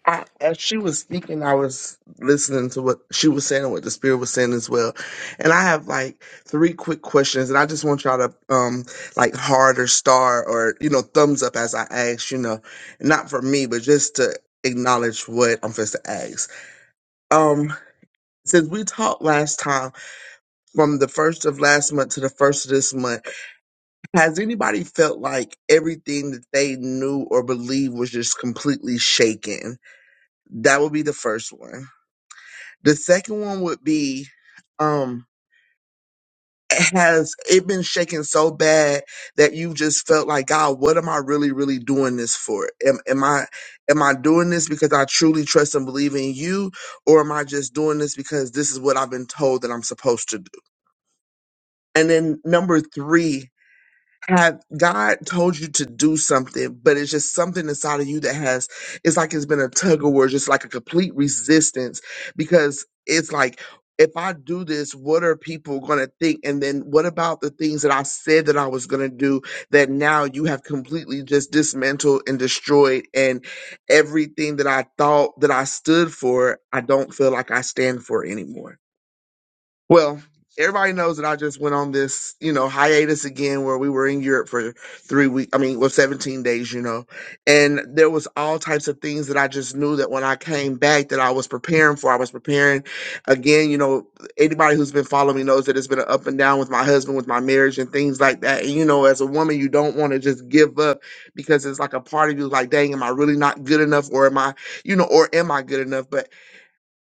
I, as she was speaking, I was listening to what she was saying and what the spirit was saying as well. And I have like three quick questions, and I just want y'all to um like heart or star or you know thumbs up as I ask. You know, not for me, but just to acknowledge what I'm supposed to ask. Um, since we talked last time, from the first of last month to the first of this month, has anybody felt like everything that they knew or believed was just completely shaken? That would be the first one. The second one would be um has it been shaken so bad that you just felt like God, what am I really, really doing this for? Am am I am I doing this because I truly trust and believe in you, or am I just doing this because this is what I've been told that I'm supposed to do? And then number three Have God told you to do something, but it's just something inside of you that has, it's like it's been a tug of war, just like a complete resistance because it's like, if I do this, what are people going to think? And then what about the things that I said that I was going to do that now you have completely just dismantled and destroyed? And everything that I thought that I stood for, I don't feel like I stand for anymore. Well, everybody knows that I just went on this, you know, hiatus again where we were in Europe for three weeks. I mean, well, 17 days, you know, and there was all types of things that I just knew that when I came back that I was preparing for. I was preparing again, you know, anybody who's been following me knows that it's been an up and down with my husband, with my marriage and things like that. And, you know, as a woman, you don't want to just give up because it's like a part of you like, dang, am I really not good enough? Or am I, you know, or am I good enough? But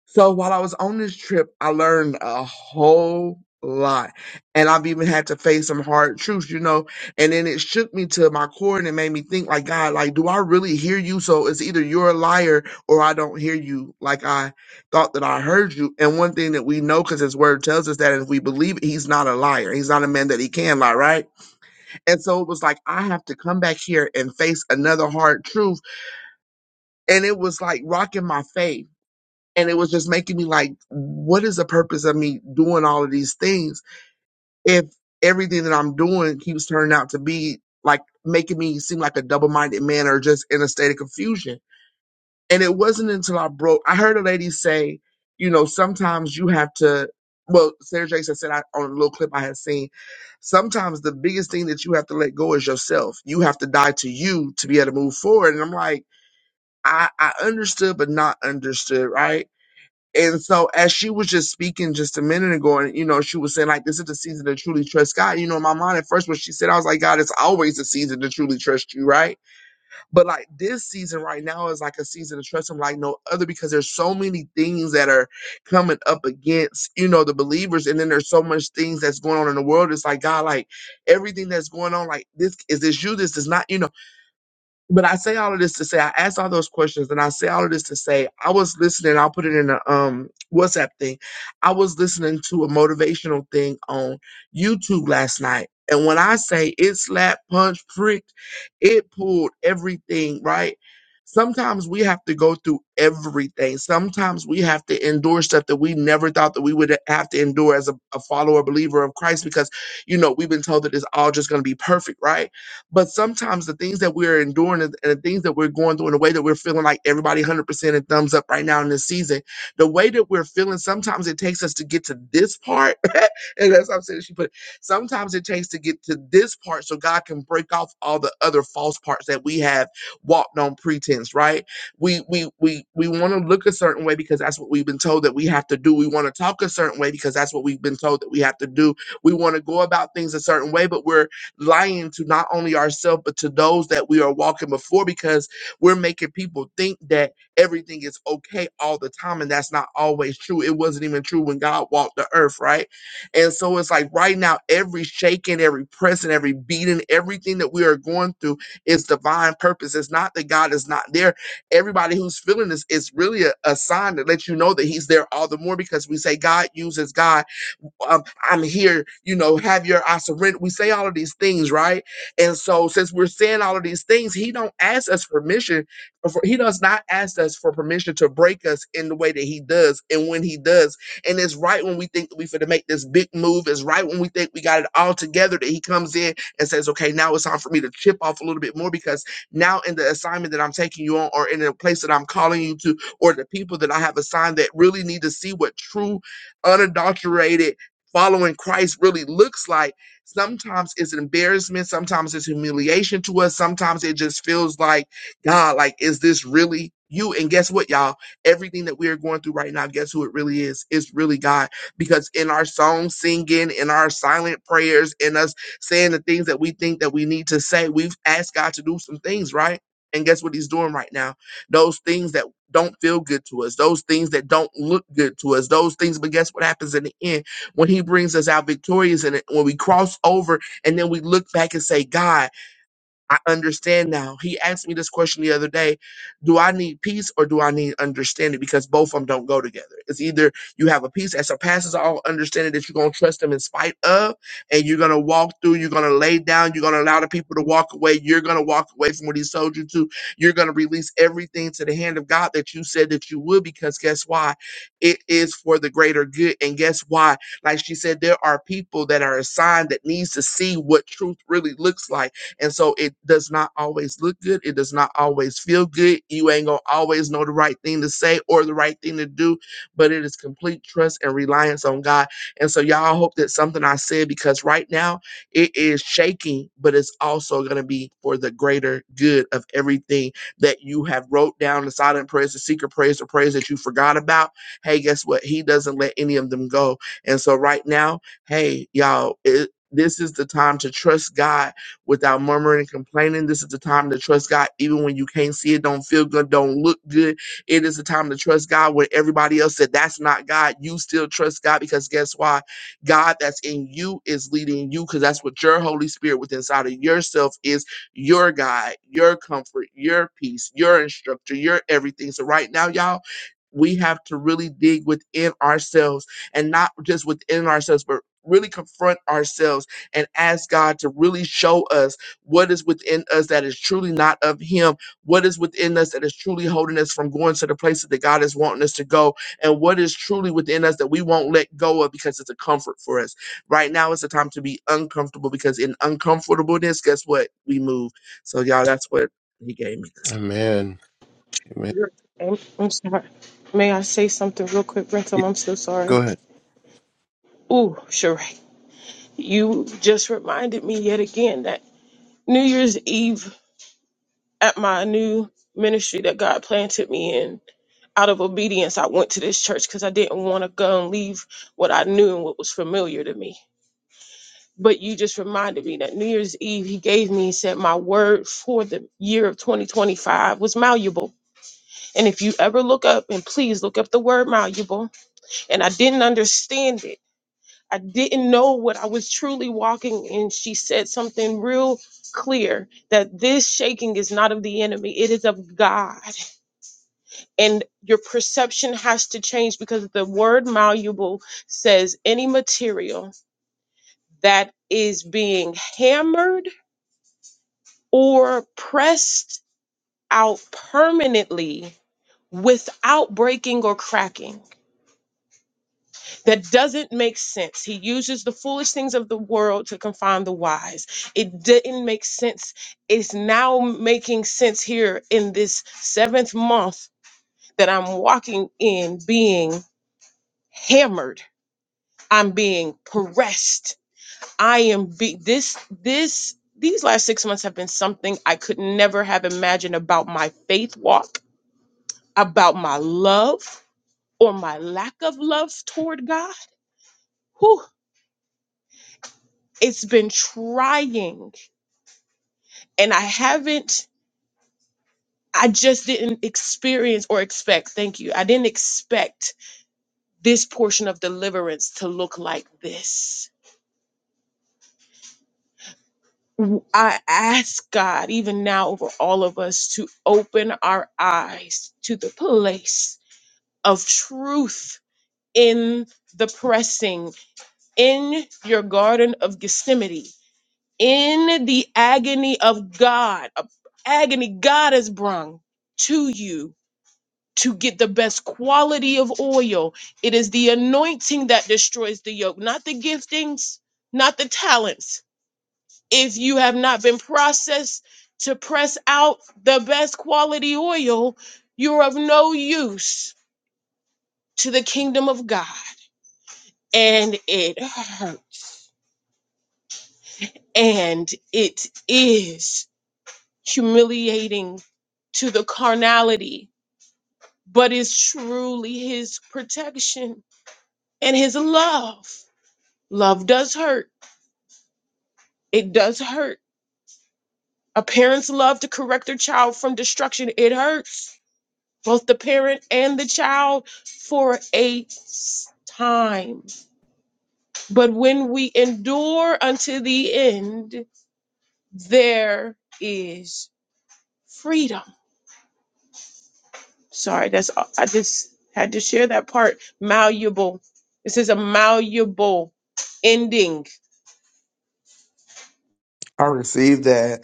so while I was on this trip, I learned a whole lot. And I've even had to face some hard truths, you know. And then it shook me to my core and it made me think, like, God, like, do I really hear you? So it's either you're a liar or I don't hear you like I thought that I heard you. And one thing that we know, because his word tells us that if we believe it, he's not a liar. He's not a man that he can lie, right? And so it was like, I have to come back here and face another hard truth. And it was like rocking my faith and it was just making me like what is the purpose of me doing all of these things if everything that i'm doing keeps turning out to be like making me seem like a double-minded man or just in a state of confusion and it wasn't until i broke i heard a lady say you know sometimes you have to well sarah jackson said I, on a little clip i had seen sometimes the biggest thing that you have to let go is yourself you have to die to you to be able to move forward and i'm like i i understood but not understood right and so as she was just speaking just a minute ago, and you know, she was saying like this is the season to truly trust God. You know, in my mind at first when she said, I was like, God, it's always the season to truly trust you, right? But like this season right now is like a season to trust him like no other because there's so many things that are coming up against, you know, the believers, and then there's so much things that's going on in the world. It's like God, like everything that's going on, like this is this you, this is not, you know. But I say all of this to say I asked all those questions, and I say all of this to say I was listening. I'll put it in a um WhatsApp thing. I was listening to a motivational thing on YouTube last night, and when I say it slapped, punched, pricked, it pulled everything right. Sometimes we have to go through everything. Sometimes we have to endure stuff that we never thought that we would have to endure as a, a follower, believer of Christ, because you know we've been told that it's all just going to be perfect, right? But sometimes the things that we're enduring and the things that we're going through in the way that we're feeling like everybody 100% and thumbs up right now in this season, the way that we're feeling, sometimes it takes us to get to this part. and that's what I'm saying she put it. Sometimes it takes to get to this part so God can break off all the other false parts that we have walked on pretense, right? we we we we want to look a certain way because that's what we've been told that we have to do. We want to talk a certain way because that's what we've been told that we have to do. We want to go about things a certain way, but we're lying to not only ourselves, but to those that we are walking before because we're making people think that everything is okay all the time. And that's not always true. It wasn't even true when God walked the earth, right? And so it's like right now, every shaking, every pressing, every beating, everything that we are going through is divine purpose. It's not that God is not there everybody who's feeling this is really a, a sign that lets you know that he's there all the more because we say god uses god um, I'm here, you know, have your I surrender. We say all of these things, right? And so since we're saying all of these things, he don't ask us permission. uh, For, he does not ask us for permission to break us in the way that he does and when he does. And it's right when we think that we finna make this big move, it's right when we think we got it all together that he comes in and says, Okay, now it's time for me to chip off a little bit more because now in the assignment that I'm taking you on or in the place that I'm calling you to or the people that I have assigned that really need to see what true, unadulterated following Christ really looks like. Sometimes it's an embarrassment, sometimes it's humiliation to us, sometimes it just feels like, God, like, is this really you? And guess what, y'all? Everything that we are going through right now, guess who it really is? It's really God. Because in our song singing, in our silent prayers, in us saying the things that we think that we need to say, we've asked God to do some things, right? And guess what he's doing right now? Those things that don't feel good to us, those things that don't look good to us, those things, but guess what happens in the end? when he brings us out victorious and when we cross over and then we look back and say, God, I understand now. He asked me this question the other day Do I need peace or do I need understanding? Because both of them don't go together. It's either you have a peace that surpasses all understanding that you're going to trust them in spite of, and you're going to walk through, you're going to lay down, you're going to allow the people to walk away, you're going to walk away from what he sold you to, you're going to release everything to the hand of God that you said that you would, because guess why? It is for the greater good. And guess why? Like she said, there are people that are assigned that needs to see what truth really looks like and so it does not always look good. It does not always feel good. You ain't going to always know the right thing to say or the right thing to do, but it is complete trust and reliance on God. And so, y'all, I hope that something I said, because right now it is shaking, but it's also going to be for the greater good of everything that you have wrote down the silent prayers, the secret prayers, the prayers that you forgot about. Hey, guess what? He doesn't let any of them go. And so, right now, hey, y'all, it, this is the time to trust God without murmuring and complaining. This is the time to trust God, even when you can't see it, don't feel good, don't look good. It is the time to trust God when everybody else said that's not God. You still trust God because guess why? God that's in you is leading you because that's what your Holy Spirit within inside of yourself is your guide, your comfort, your peace, your instructor, your everything. So right now, y'all, we have to really dig within ourselves and not just within ourselves, but really confront ourselves and ask God to really show us what is within us that is truly not of Him, what is within us that is truly holding us from going to the places that God is wanting us to go, and what is truly within us that we won't let go of because it's a comfort for us. Right now is the time to be uncomfortable because in uncomfortableness, guess what? We move. So, y'all, that's what He gave me this.
Amen. Amen.
I'm, I'm sorry. May I say something real quick,
Yeah,
Brentum? I'm so
go
sorry.
ahead.
Ooh, Sheree, you just reminded me yet again that New Year's Eve at my new ministry that God planted me in, out of obedience, I went to this church because I didn't want to go and leave what I knew and what was familiar to me. But you just reminded me that New Year's Eve, he gave me, he said, my word for the year of 2025 was malleable And if you ever look up, and please look up the word malleable, and I didn't understand it. I didn't know what I was truly walking in. She said something real clear that this shaking is not of the enemy, it is of God. And your perception has to change because the word malleable says any material that is being hammered or pressed out permanently without breaking or cracking that doesn't make sense. He uses the foolish things of the world to confound the wise. It didn't make sense. It's now making sense here in this seventh month that I'm walking in being hammered. I'm being pressed. I am be this this these last six months have been something I could never have imagined about my faith walk, about my love or my lack of love toward God. Whew, it's been trying and I haven't I just didn't experience or expect, thank you. I didn't expect this portion of deliverance to look like this. W- I ask God, even now, over all of us to open our eyes to the place of truth in the pressing, in your garden of Gethsemane, in the agony of God, a agony God has brung to you to get the best quality of oil. It is the anointing that destroys the yoke, not the giftings, not the talents. If you have not been processed to press out the best quality oil, you're of no use to the kingdom of God. And it hurt. And it is humiliating to the carnality, but it's truly his protection and his love Love does hurt. It does hurt. A parent's love to correct their child from destruction, it hurts both the parent and the child for a s- time. But when we endure unto the end, there is freedom. Sorry, that's I just had to share that part. Malleable. This is a malleable ending
I received that.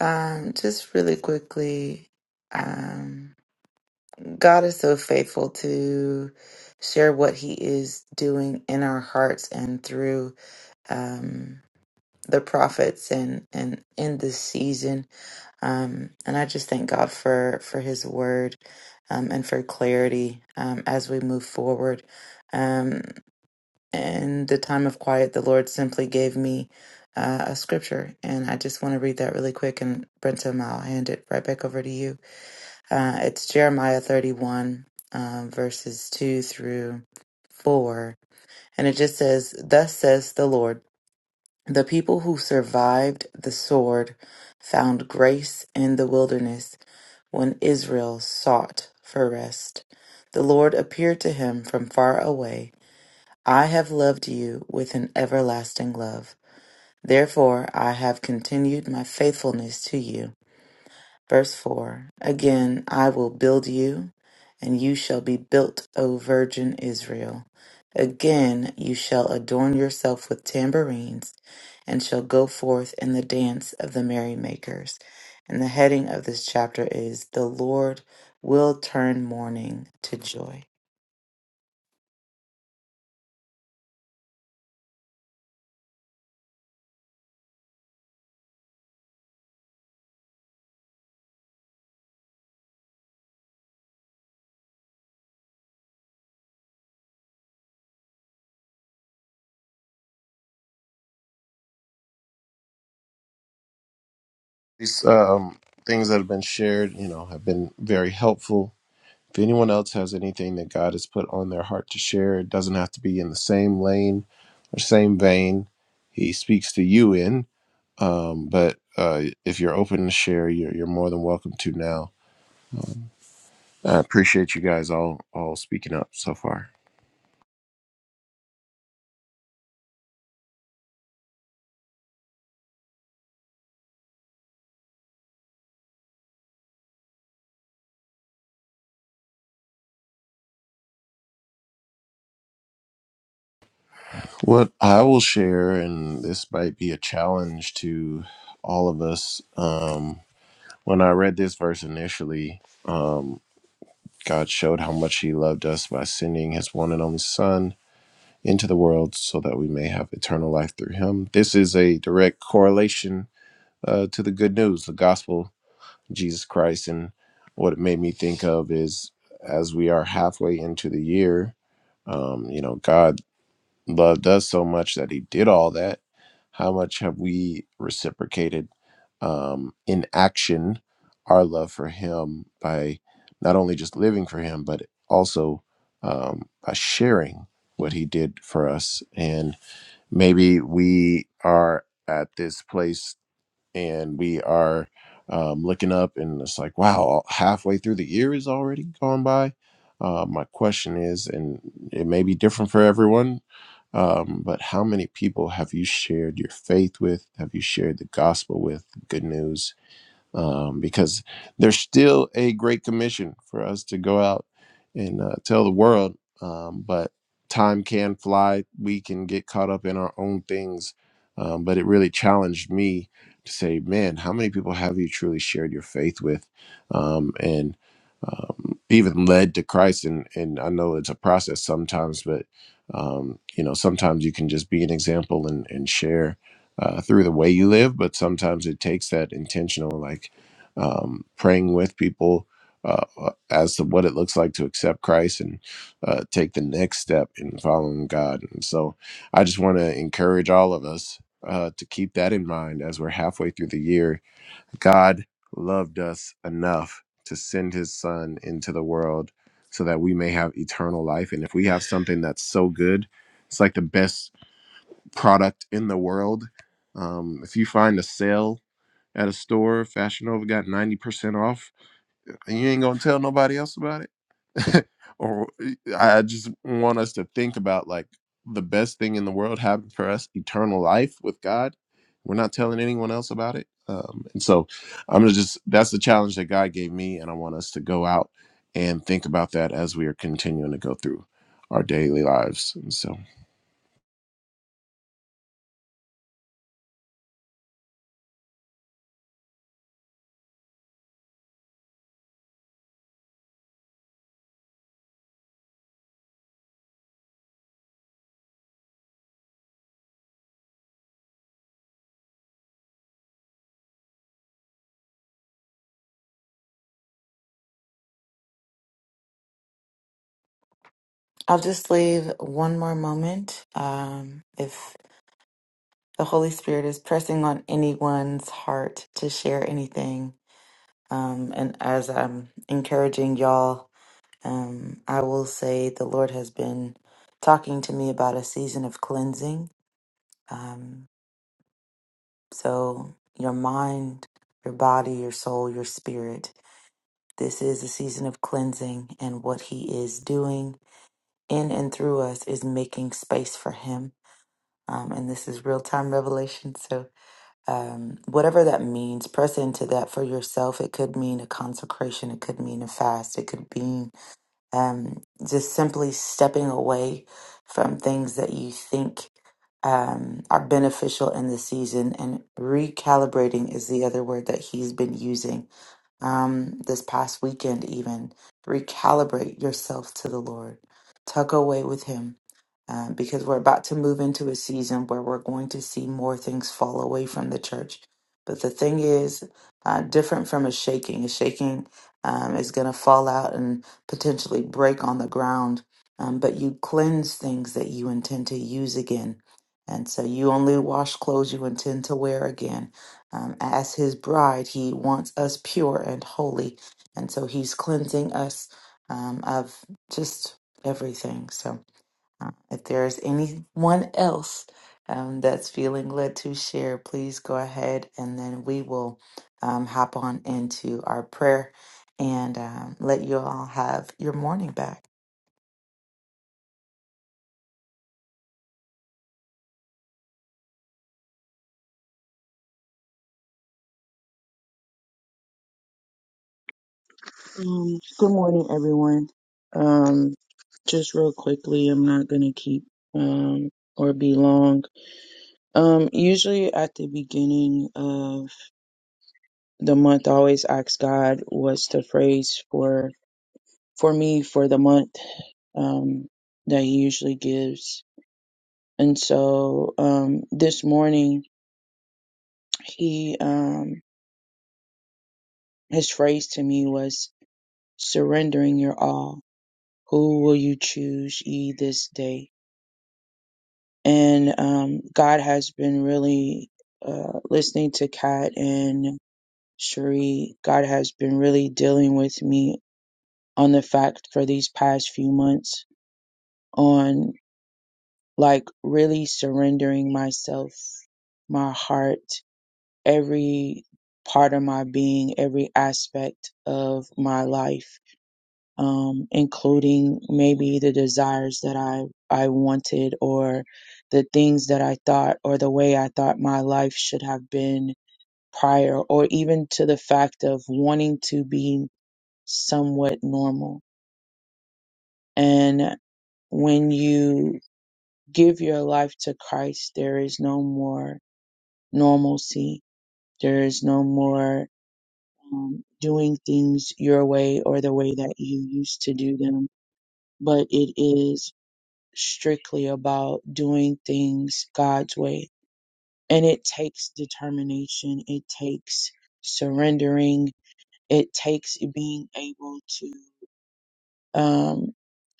Um, just really quickly, um. God is so faithful to share what He is doing in our hearts and through um, the prophets and and in this season. Um, and I just thank God for for His Word um, and for clarity um, as we move forward. Um, in the time of quiet, the Lord simply gave me. Uh, a scripture, and I just want to read that really quick. And Brentum, I'll hand it right back over to you. Uh, it's Jeremiah 31, um, verses 2 through 4. And it just says, Thus says the Lord, the people who survived the sword found grace in the wilderness when Israel sought for rest. The Lord appeared to him from far away. I have loved you with an everlasting love. Therefore, I have continued my faithfulness to you. Verse 4 Again, I will build you, and you shall be built, O virgin Israel. Again, you shall adorn yourself with tambourines, and shall go forth in the dance of the merrymakers. And the heading of this chapter is The Lord Will Turn Mourning to Joy.
These um, things that have been shared, you know, have been very helpful. If anyone else has anything that God has put on their heart to share, it doesn't have to be in the same lane or same vein He speaks to you in. Um, but uh, if you're open to share, you're, you're more than welcome to now. I appreciate you guys all all speaking up so far. What I will share, and this might be a challenge to all of us. Um, when I read this verse initially, um, God showed how much He loved us by sending His one and only Son into the world so that we may have eternal life through Him. This is a direct correlation uh, to the good news, the gospel, Jesus Christ. And what it made me think of is as we are halfway into the year, um, you know, God loved us so much that he did all that how much have we reciprocated um, in action our love for him by not only just living for him but also um, by sharing what he did for us and maybe we are at this place and we are um, looking up and it's like wow halfway through the year is already gone by uh, my question is and it may be different for everyone um, but how many people have you shared your faith with have you shared the gospel with good news um, because there's still a great commission for us to go out and uh, tell the world. Um, but time can fly. We can get caught up in our own things. Um, but it really challenged me to say, man, how many people have you truly shared your faith with? Um, and um, even led to Christ. And, and I know it's a process sometimes, but um, you know, sometimes you can just be an example and, and share uh, through the way you live, but sometimes it takes that intentional, like um, praying with people uh, uh, as to what it looks like to accept Christ and uh, take the next step in following God. And so I just want to encourage all of us uh, to keep that in mind as we're halfway through the year. God loved us enough to send his son into the world so that we may have eternal life. And if we have something that's so good, it's like the best product in the world. Um, if you find a sale at a store, Fashion Nova got 90% off, and you ain't gonna tell nobody else about it. or I just want us to think about like the best thing in the world happened for us, eternal life with God. We're not telling anyone else about it. Um, and so I'm gonna just that's the challenge that God gave me, and I want us to go out and think about that as we are continuing to go through our daily lives. And so
I'll just leave one more moment. Um, if the Holy Spirit is pressing on anyone's heart to share anything, Um, and as I'm encouraging y'all, um, I will say the Lord has been talking to me about a season of cleansing. Um, so, your mind, your body, your soul, your spirit, this is a season of cleansing. And what He is doing in and through us is making space for Him. Um, and this is real time revelation. So, um, whatever that means, press into that for yourself. It could mean a consecration, it could mean a fast, it could be. um, just simply stepping away from things that you think um, are beneficial in the season and recalibrating is the other word that he's been using um, this past weekend even recalibrate yourself to the lord tuck away with him um, because we're about to move into a season where we're going to see more things fall away from the church but the thing is uh, different from a shaking a shaking um, is going to fall out potentially break on the ground, um, but you cleanse things that you intend to use again. And so you only wash clothes you intend to wear again. Um, as his bride, he wants us pure and holy. And so he's cleansing us um, of just everything. So uh, If there's anyone else um, that's feeling led to share, please go ahead and then we will um, hop on into our prayer and um, let you all have your morning back.
Um, good morning, everyone. Um, just real quickly, I'm not going to keep um, or be long. Um, usually at the beginning of the month, I always ask God what's the phrase for for me for the month um, that He usually gives And so um, this morning, he um, his phrase to me was surrendering your all. Who will you choose ye this day? And um, God has been really uh, listening to Kat and Cherie. God has been really dealing with me on the fact for these past few months on like really surrendering myself, my heart. every part of my being, every aspect of my life, um, including maybe the desires that I, I wanted or the things that I thought or the way I thought my life should have been prior, or even to the fact of wanting to be somewhat normal. And when you give your life to Christ, there is no more normalcy. There is no more um, doing things your way or the way that you used to do them, but it is strictly about doing things God's way. And it takes determination, it takes surrendering, it takes being able to um,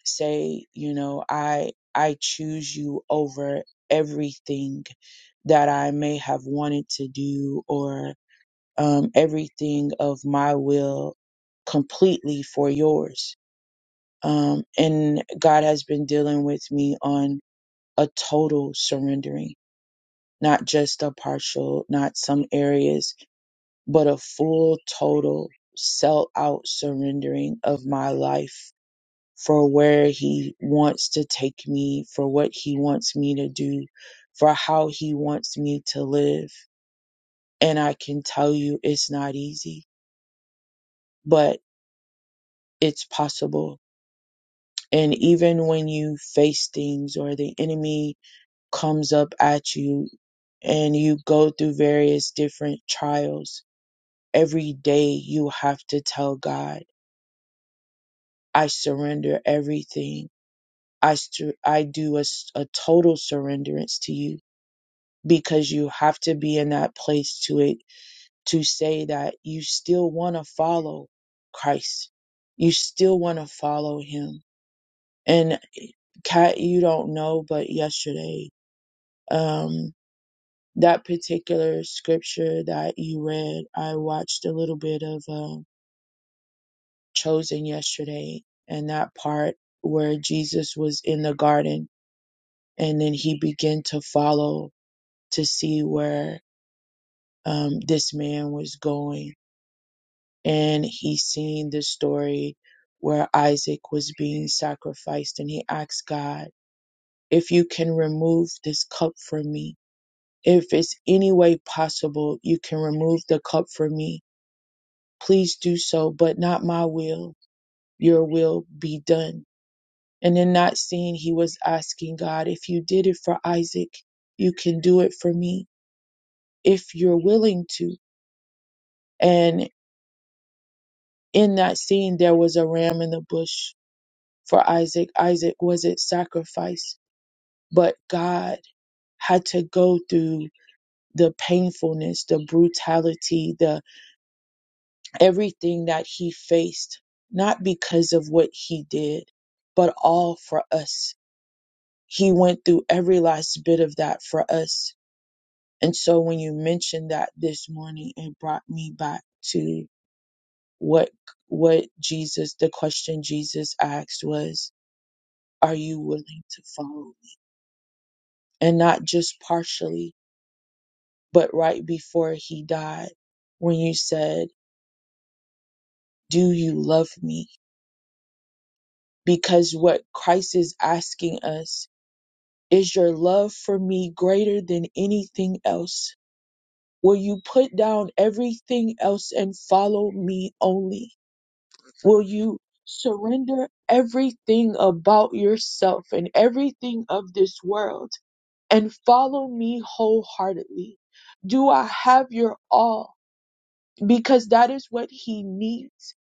say, you know, I I choose you over everything that I may have wanted to do or. um, everything of my will completely for yours. Um, and God has been dealing with me on a total surrendering, not just a partial, not some areas, but a full, total, sell out surrendering of my life for where He wants to take me, for what He wants me to do, for how He wants me to live. And I can tell you it's not easy, but it's possible. And even when you face things or the enemy comes up at you and you go through various different trials, every day you have to tell God, I surrender everything. I, sur- I do a, s- a total surrenderance to you because you have to be in that place to it to say that you still want to follow Christ. You still want to follow him And Kat, you don't know, but yesterday, um, that particular scripture that you read, I watched a little bit of uh, Chosen yesterday, and that part where Jesus was in the garden, and then he began to follow to see where um, this man was going, and he seen the story where Isaac was being sacrificed, and he asked God, "If you can remove this cup from me." If it's any way possible you can remove the cup from me, please do so, but not my will, your will be done. And in not seeing, he was asking God, if you did it for Isaac, you can do it for me, if you're willing to. And in that scene, there was a ram in the bush for Isaac. Isaac wasn't sacrificed, but God had to go through the painfulness, the brutality, the everything that he faced, not because of what he did, but all for us. He went through every last bit of that for us. And so when you mentioned that this morning, it brought me back to what, what Jesus, the question Jesus asked was, are you willing to follow me? And not just partially, but right before he died, when you said, do you love me? Because what Christ is asking us Is your love for me greater than anything else? Will you put down everything else and follow me only? Will you surrender everything about yourself and everything of this world and follow me wholeheartedly? Do I have your all? Because that is what he needs.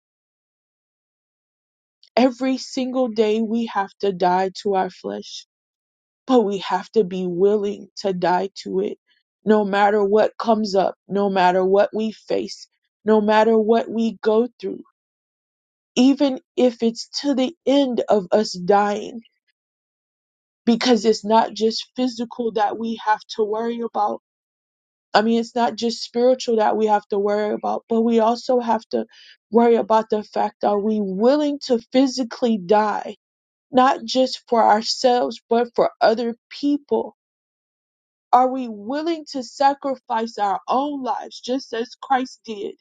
Every single day we have to die to our flesh but we have to be willing to die to it. No matter what comes up, no matter what we face, no matter what we go through, even if it's to the end of us dying, because it's not just physical that we have to worry about. I mean, it's not just spiritual that we have to worry about, but we also have to worry about the fact are we willing to physically die, not just for ourselves, but for other people? Are we willing to sacrifice our own lives just as Christ did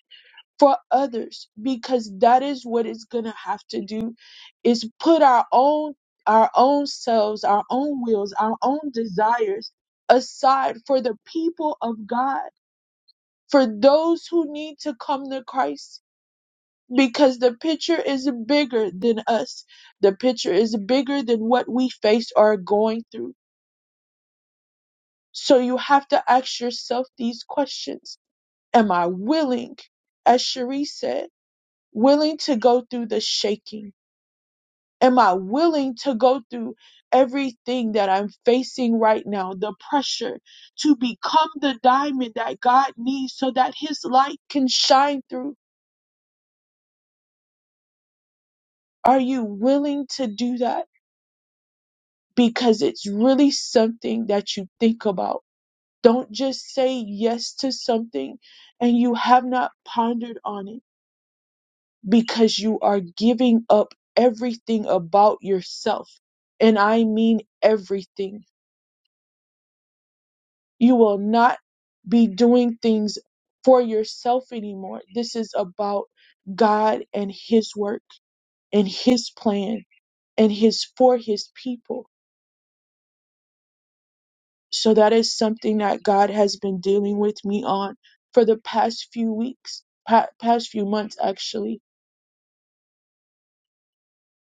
for others? Because that is what it's gonna have to do is put our own our own selves, our own wills, our own desires aside for the people of God, for those who need to come to Christ. Because the picture is bigger than us. The picture is bigger than what we face or are going through. So you have to ask yourself these questions Am I willing, as Cherie said, willing to go through the shaking? Am I willing to go through everything that I'm facing right now, the pressure to become the diamond that God needs so that His light can shine through? Are you willing to do that? Because it's really something that you think about. Don't just say yes to something and you have not pondered on it because you are giving up everything about yourself. And I mean everything. You will not be doing things for yourself anymore. This is about God and His work and His plan and His for His people. So that is something that God has been dealing with me on for the past few weeks, pa- past few months actually.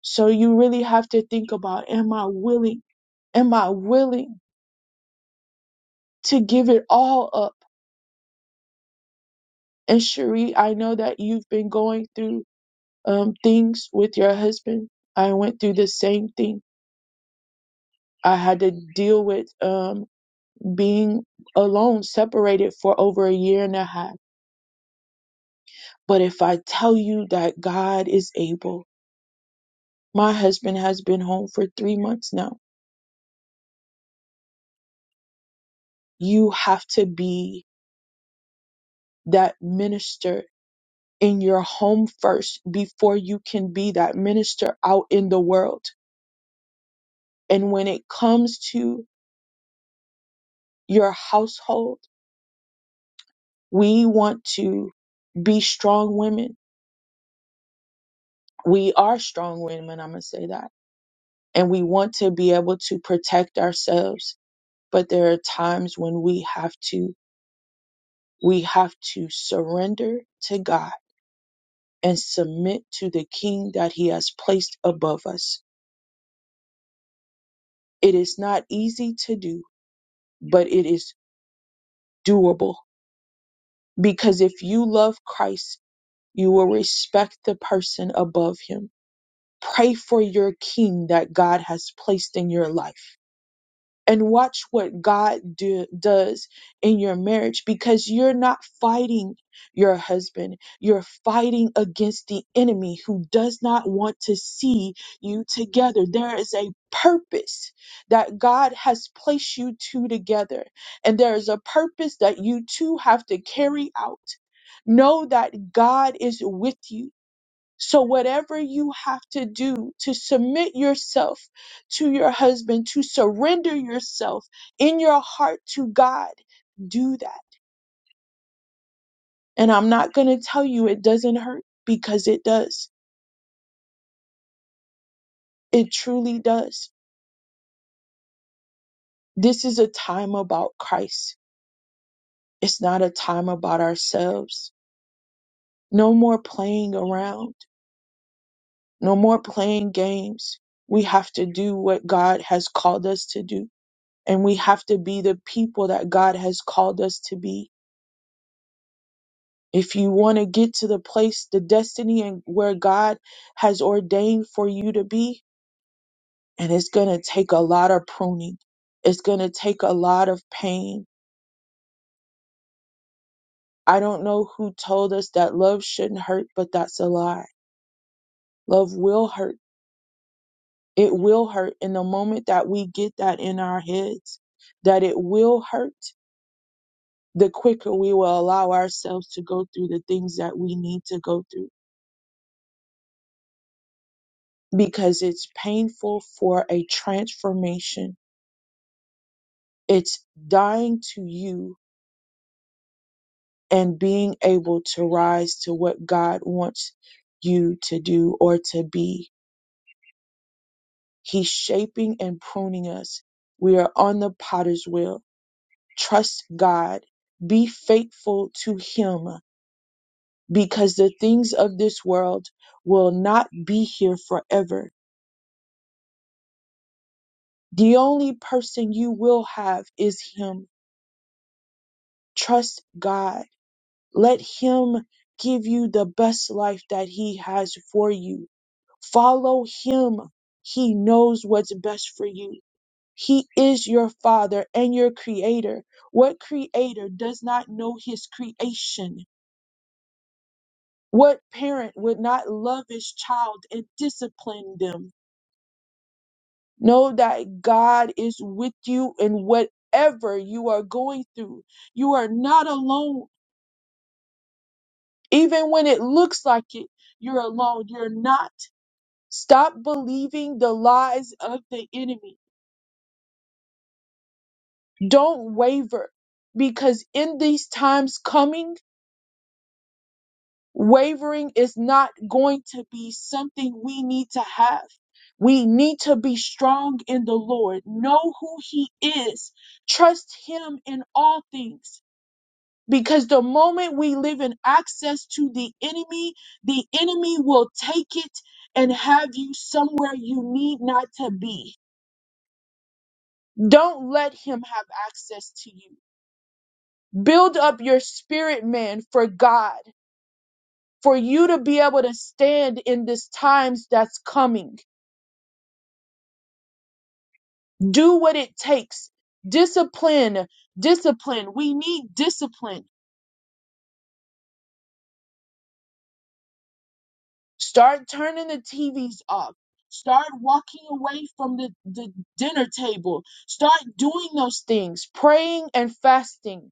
So you really have to think about, am I willing? Am I willing? to give it all up. And Cherie, I know that you've been going through um, things with your husband. I went through the same thing. I had to deal with um, being alone, separated for over a year and a half. But if I tell you that God is able, my husband has been home for three months now. You have to be that minister in your home first before you can be that minister out in the world. And when it comes to your household. We want to be strong women. We are strong women, I'm going to say that. And we want to be able to protect ourselves. But there are times when we have to, we have to surrender to God and submit to the King that He has placed above us. It is not easy to do, but it is doable because if you love Christ, you will respect the person above Him Pray for your king that God has placed in your life. And watch what God do, does in your marriage because you're not fighting your husband. You're fighting against the enemy who does not want to see you together. There is a purpose that God has placed you two together, and there is a purpose that you two have to carry out. Know that God is with you so, whatever you have to do to submit yourself to your husband, to surrender yourself in your heart to God, do that. And I'm not going to tell you it doesn't hurt because it does. It truly does. This is a time about Christ. It's not a time about ourselves. No more playing around. No more playing games. We have to do what God has called us to do. and we have to be the people that God has called us to be. If you want to get to the place, the destiny and where God has ordained for you to be, and it's going to take a lot of pruning. It's going to take a lot of pain. I don't know who told us that love shouldn't hurt, but that's a lie. Love will hurt. It will hurt. And the moment that we get that in our heads, that it will hurt, the quicker we will allow ourselves to go through the things that we need to go through because it's painful for a transformation. It's dying to you and being able to rise to what God wants you to do or to be. He's shaping and pruning us. We are on the potter's wheel. Trust God. Be faithful to Him because the things of this world will not be here forever. The only person you will have is Him. Trust God Let him give you the best life that he has for you. Follow him. He knows what's best for you. He is your father and your creator. What creator does not know his creation? What parent would not love his child and discipline them? Know that God is with you in whatever you are going through. You are not alone. Even when it looks like it, you're alone. You're not Stop believing the lies of the enemy. Don't waver because in these times coming, wavering is not going to be something we need to have. We need to be strong in the Lord, know who He is, trust Him in all things. Because the moment we live in access to the enemy, the enemy will take it and have you somewhere you need not to be. Don't let him have access to you. Build up your spirit, man, for God, for you to be able to stand in this times that's coming. Do what it takes. Discipline, discipline. We need discipline. Start turning the TVs off. Start walking away from the, the dinner table. Start doing those things, praying and fasting.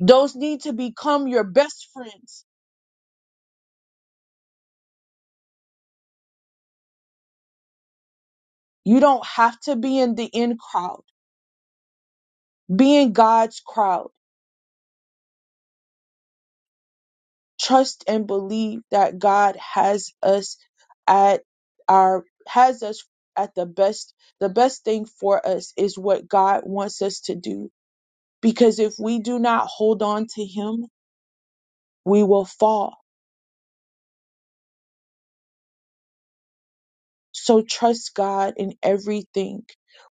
Those need to become your best friends. You don't have to be in the in crowd. Be in God's crowd. Trust and believe that God has us at our has us at the best the best thing for us is what God wants us to do because if we do not hold on to him we will fall so trust God in everything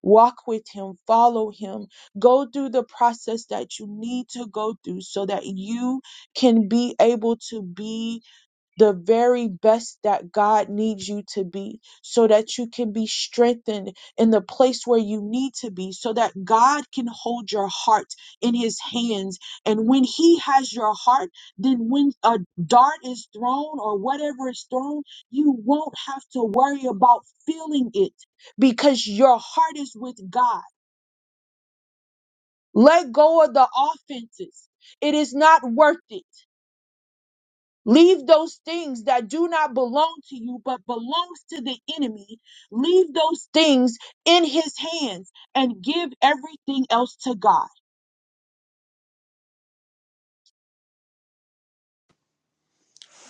walk with him follow him go through the process that you need to go through so that you can be able to be the very best that God needs you to be so that you can be strengthened in the place where you need to be so that God can hold your heart in his hands and when he has your heart then when a dart is thrown or whatever is thrown you won't have to worry about feeling it because your heart is with God let go of the offenses it is not worth it Leave those things that do not belong to you, but belongs to the enemy. Leave those things in his hands and give everything else to God.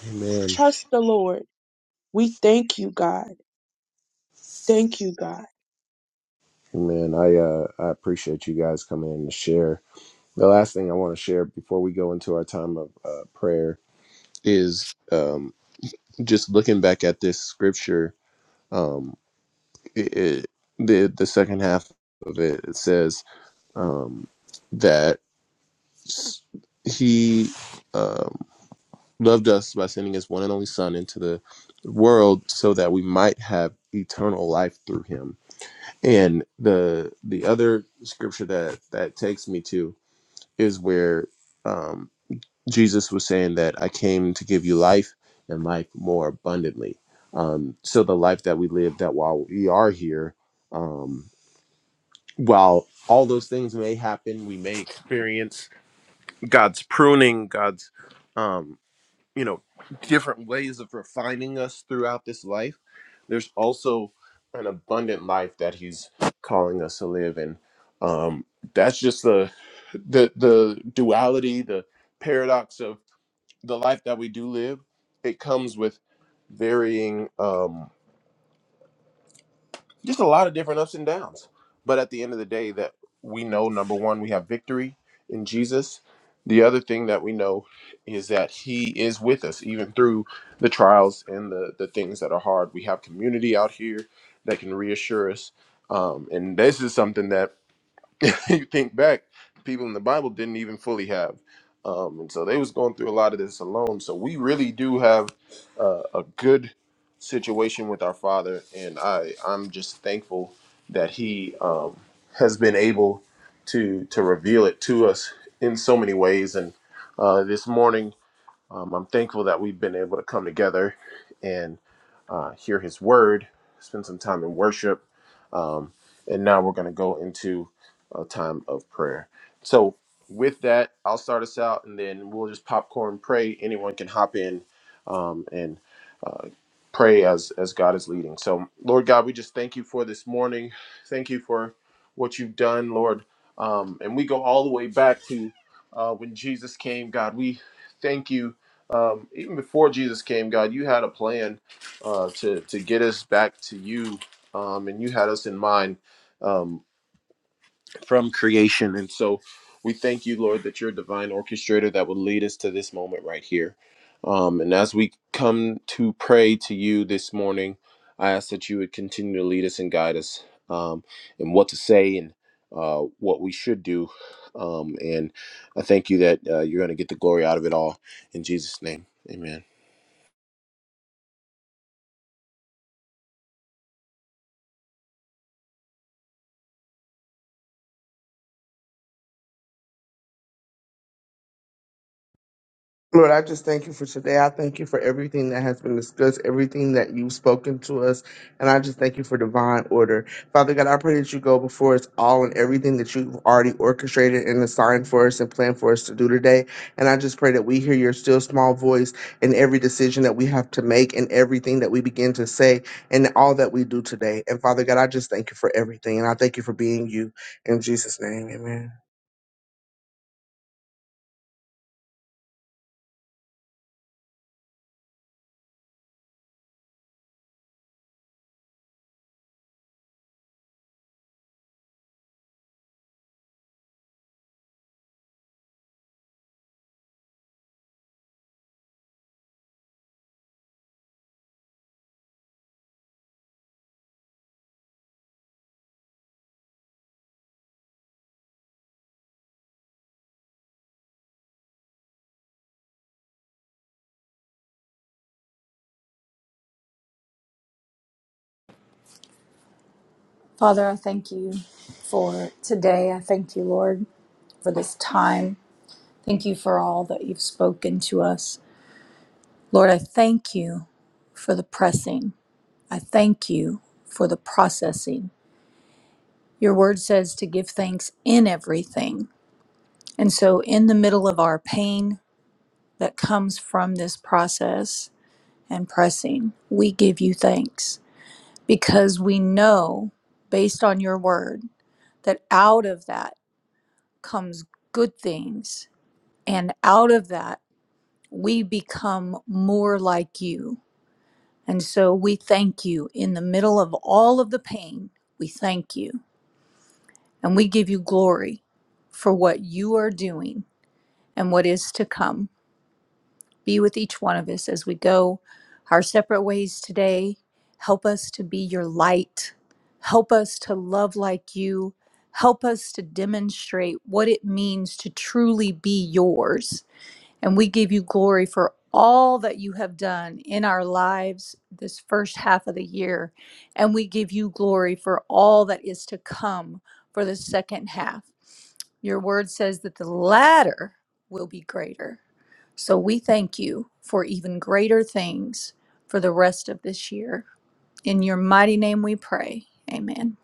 Amen.
Trust the Lord. We thank you, God. Thank you, God.
Man, I uh, I appreciate you guys coming in to share. The last thing I want to share before we go into our time of uh, prayer is um, just looking back at this scripture. Um, it, it, the the second half of it, it says um, that s- he um, loved us by sending his one and only Son into the world so that we might have eternal life through him. And the the other scripture that that takes me to is where um, Jesus was saying that I came to give you life and life more abundantly. Um, so the life that we live, that while we are here, um, while all those things may happen, we may experience God's pruning, God's um, you know different ways of refining us throughout this life there's also an abundant life that he's calling us to live and um that's just the the the duality the paradox of the life that we do live it comes with varying um, just a lot of different ups and downs. But at the end of the day, that we know number one, we have victory in Jesus. The other thing that we know is that He is with us, even through the trials and the, the things that are hard. We have community out here that can reassure us. Um, and this is something that you think back, people in the Bible didn't even fully have. Um, and so they was going through a lot of this alone. So we really do have uh, a good situation with our Father, and I I'm just thankful that He um, has been able to to reveal it to us in so many ways. And uh, this morning. Um, I'm thankful that we've been able to come together and uh, hear his word, spend some time in worship, um, and now we're going to go into a time of prayer. So, with that, I'll start us out and then we'll just popcorn pray. Anyone can hop in um, and uh, pray as, as God is leading. So, Lord God, we just thank you for this morning. Thank you for what you've done, Lord. Um, and we go all the way back to uh, when Jesus came, God. We thank you um, even before Jesus came, God, you had a plan uh, to to get us back to you, um, and you had us in mind. Um, and so we thank you, Lord, that you're a divine orchestrator that will lead us to this moment right here. Um, and as we come to pray to you this morning, I ask that you would continue to lead us and guide us um, in what to say and uh, what we should do. Um, and I thank you that uh, you're going to get the glory out of it all. In Jesus' name, amen.
Lord, I just thank you for today. I thank you for everything that has been discussed, everything that you've spoken to us. And I just thank you for divine order. Father God, I pray that you go before us all and everything that you've already orchestrated and assigned for us and planned for us to do today. And I just pray that we hear your still small voice in every decision that we have to make and everything that we begin to say and all that we do today. And Father God, I just thank you for everything. And I thank you for being you. In Jesus' name, amen.
Father, I thank you for today. I thank you, Lord, for this time. Thank you for all that you've spoken to us. Lord, I thank you for the pressing. I thank you for the processing. Your word says to give thanks in everything. And so, in the middle of our pain that comes from this process and pressing, we give you thanks because we know based on your word that out of that, comes good things. And out of that, we become more like you. And so we thank you in the middle of all of the pain. We thank you and we give you glory for what you are doing and what is to come. Be with each one of us as we go our separate ways today. Help us to be your light. Help us to love like you. Help us to demonstrate what it means to truly be yours And we give you glory for all that you have done in our lives this first half of the year. And we give you glory for all that is to come for the second half. Your word says that the latter will be greater. So we thank you for even greater things for the rest of this year. In your mighty name we pray. Amen.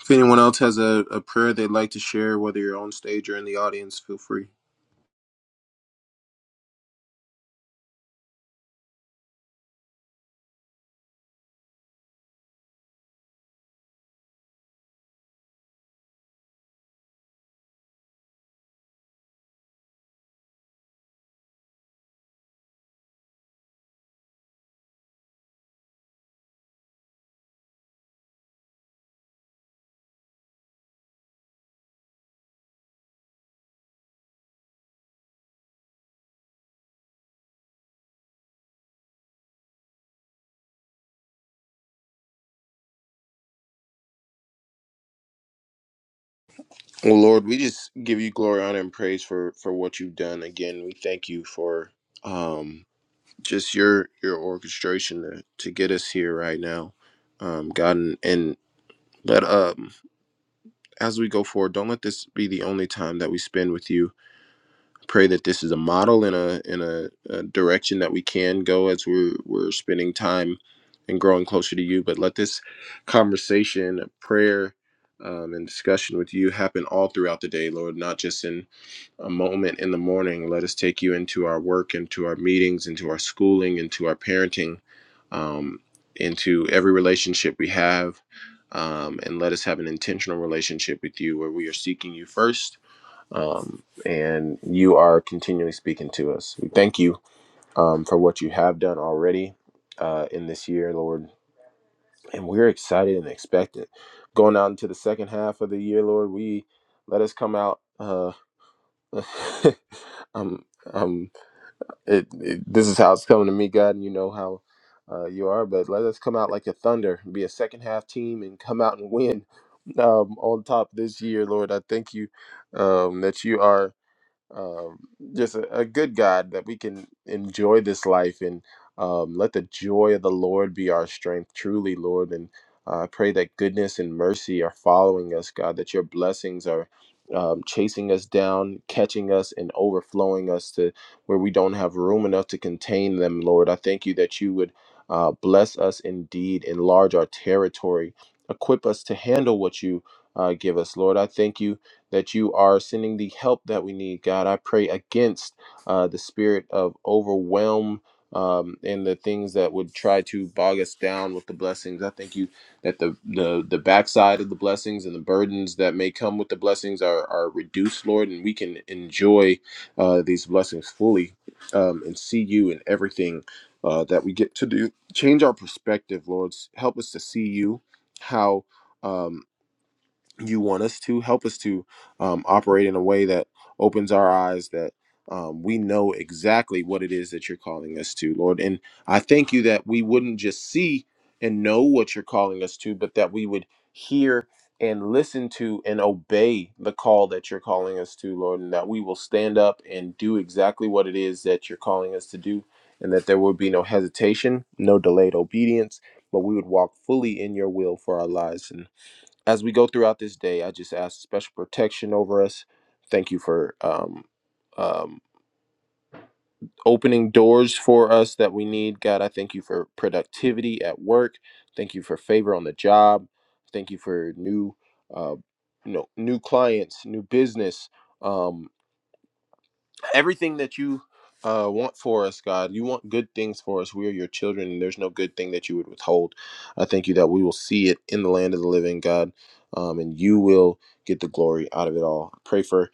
If anyone else has a, a prayer they'd like to share, whether you're on stage or in the audience, feel free. Well, Lord, we just give you glory, honor, and praise for for what you've done. Again, we thank you for um, just your your orchestration to, to get us here right now, um, God, and, and let um as we go forward, don't let this be the only time that we spend with you pray that this is a model and a in a, a direction that we can go as we're we're spending time and growing closer to you. But let this conversation, prayer, um, and discussion with you happen all throughout the day, Lord, not just in a moment in the morning. Let us take you into our work, into our meetings, into our schooling, into our parenting, um, into every relationship we have. Um, and let us have an intentional relationship with you where we are seeking you first um, and you are continually speaking to us. We thank you um, for what you have done already uh, in this year, Lord, and we're excited and expectant. Going out into the second half of the year, Lord, we let us come out. Uh, um, um, it, it, this is how it's coming to me, God, and you know how uh, you are. But let us come out like a thunder, be a second half team, and come out and win um, on top this year, Lord. I thank you um, that you are um, just a, a good God that we can enjoy this life and um, let the joy of the Lord be our strength, truly, Lord. And uh, I pray that goodness and mercy are following us, God, that your blessings are um, chasing us down, catching us, and overflowing us to where we don't have room enough to contain them, Lord. I thank you that you would uh, bless us indeed, enlarge our territory, equip us to handle what you uh, give us, Lord. I thank you that you are sending the help that we need, God. I pray against uh, the spirit of overwhelm um, and the things that would try to bog us down with the blessings. I thank you that the the the backside of the blessings and the burdens that may come with the blessings are are reduced, Lord, and we can enjoy uh, these blessings fully um, and see you in everything uh, that we get to do. Change our perspective, Lord. S- Help us to see you how. Um, you want us to help us to um, operate in a way that opens our eyes that um, we know exactly what it is that you're calling us to lord and i thank you that we wouldn't just see and know what you're calling us to but that we would hear and listen to and obey the call that you're calling us to lord and that we will stand up and do exactly what it is that you're calling us to do and that there would be no hesitation no delayed obedience but we would walk fully in your will for our lives and as we go throughout this day, I just ask special protection over us. Thank you for um, um, opening doors for us that we need. God, I thank you for productivity at work. Thank you for favor on the job. Thank you for new, uh, you know, new clients, new business. Um, everything that you uh, want for us, God. You want good things for us. We are your children, and there's no good thing that you would withhold. I thank you that we will see it in the land of the living, God, um, and you will get the glory out of it all. I pray for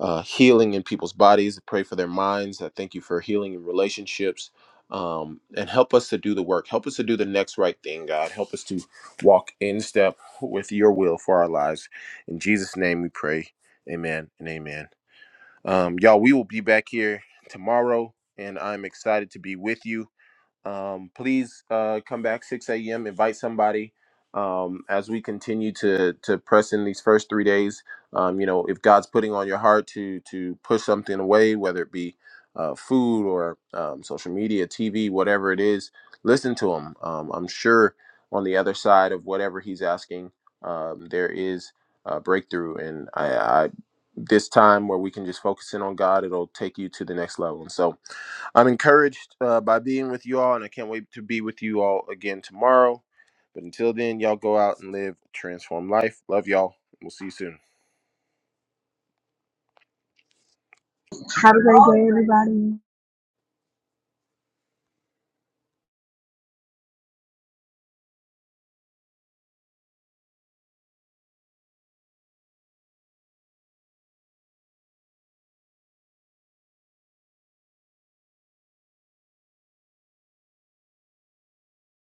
uh, healing in people's bodies. I pray for their minds. I thank you for healing in relationships. Um, and help us to do the work. Help us to do the next right thing, God. Help us to walk in step with your will for our lives. In Jesus' name we pray. Amen and amen. Um, y'all, we will be back here tomorrow, and I'm excited to be with you. Um, please uh, come back 6 a.m. Invite somebody um, as we continue to to press in these first three days. Um, you know, if God's putting on your heart to to push something away, whether it be uh, food or um, social media, TV, whatever it is, listen to Him. Um, I'm sure on the other side of whatever He's asking, um, there is a breakthrough. And I, I this time where we can just focus in on God, it'll take you to the next level. And so I'm encouraged uh, by being with you all, and I can't wait to be with you all again tomorrow. But until then, y'all go out and live a transformed life. Love y'all. We'll see you soon.
Have a great day.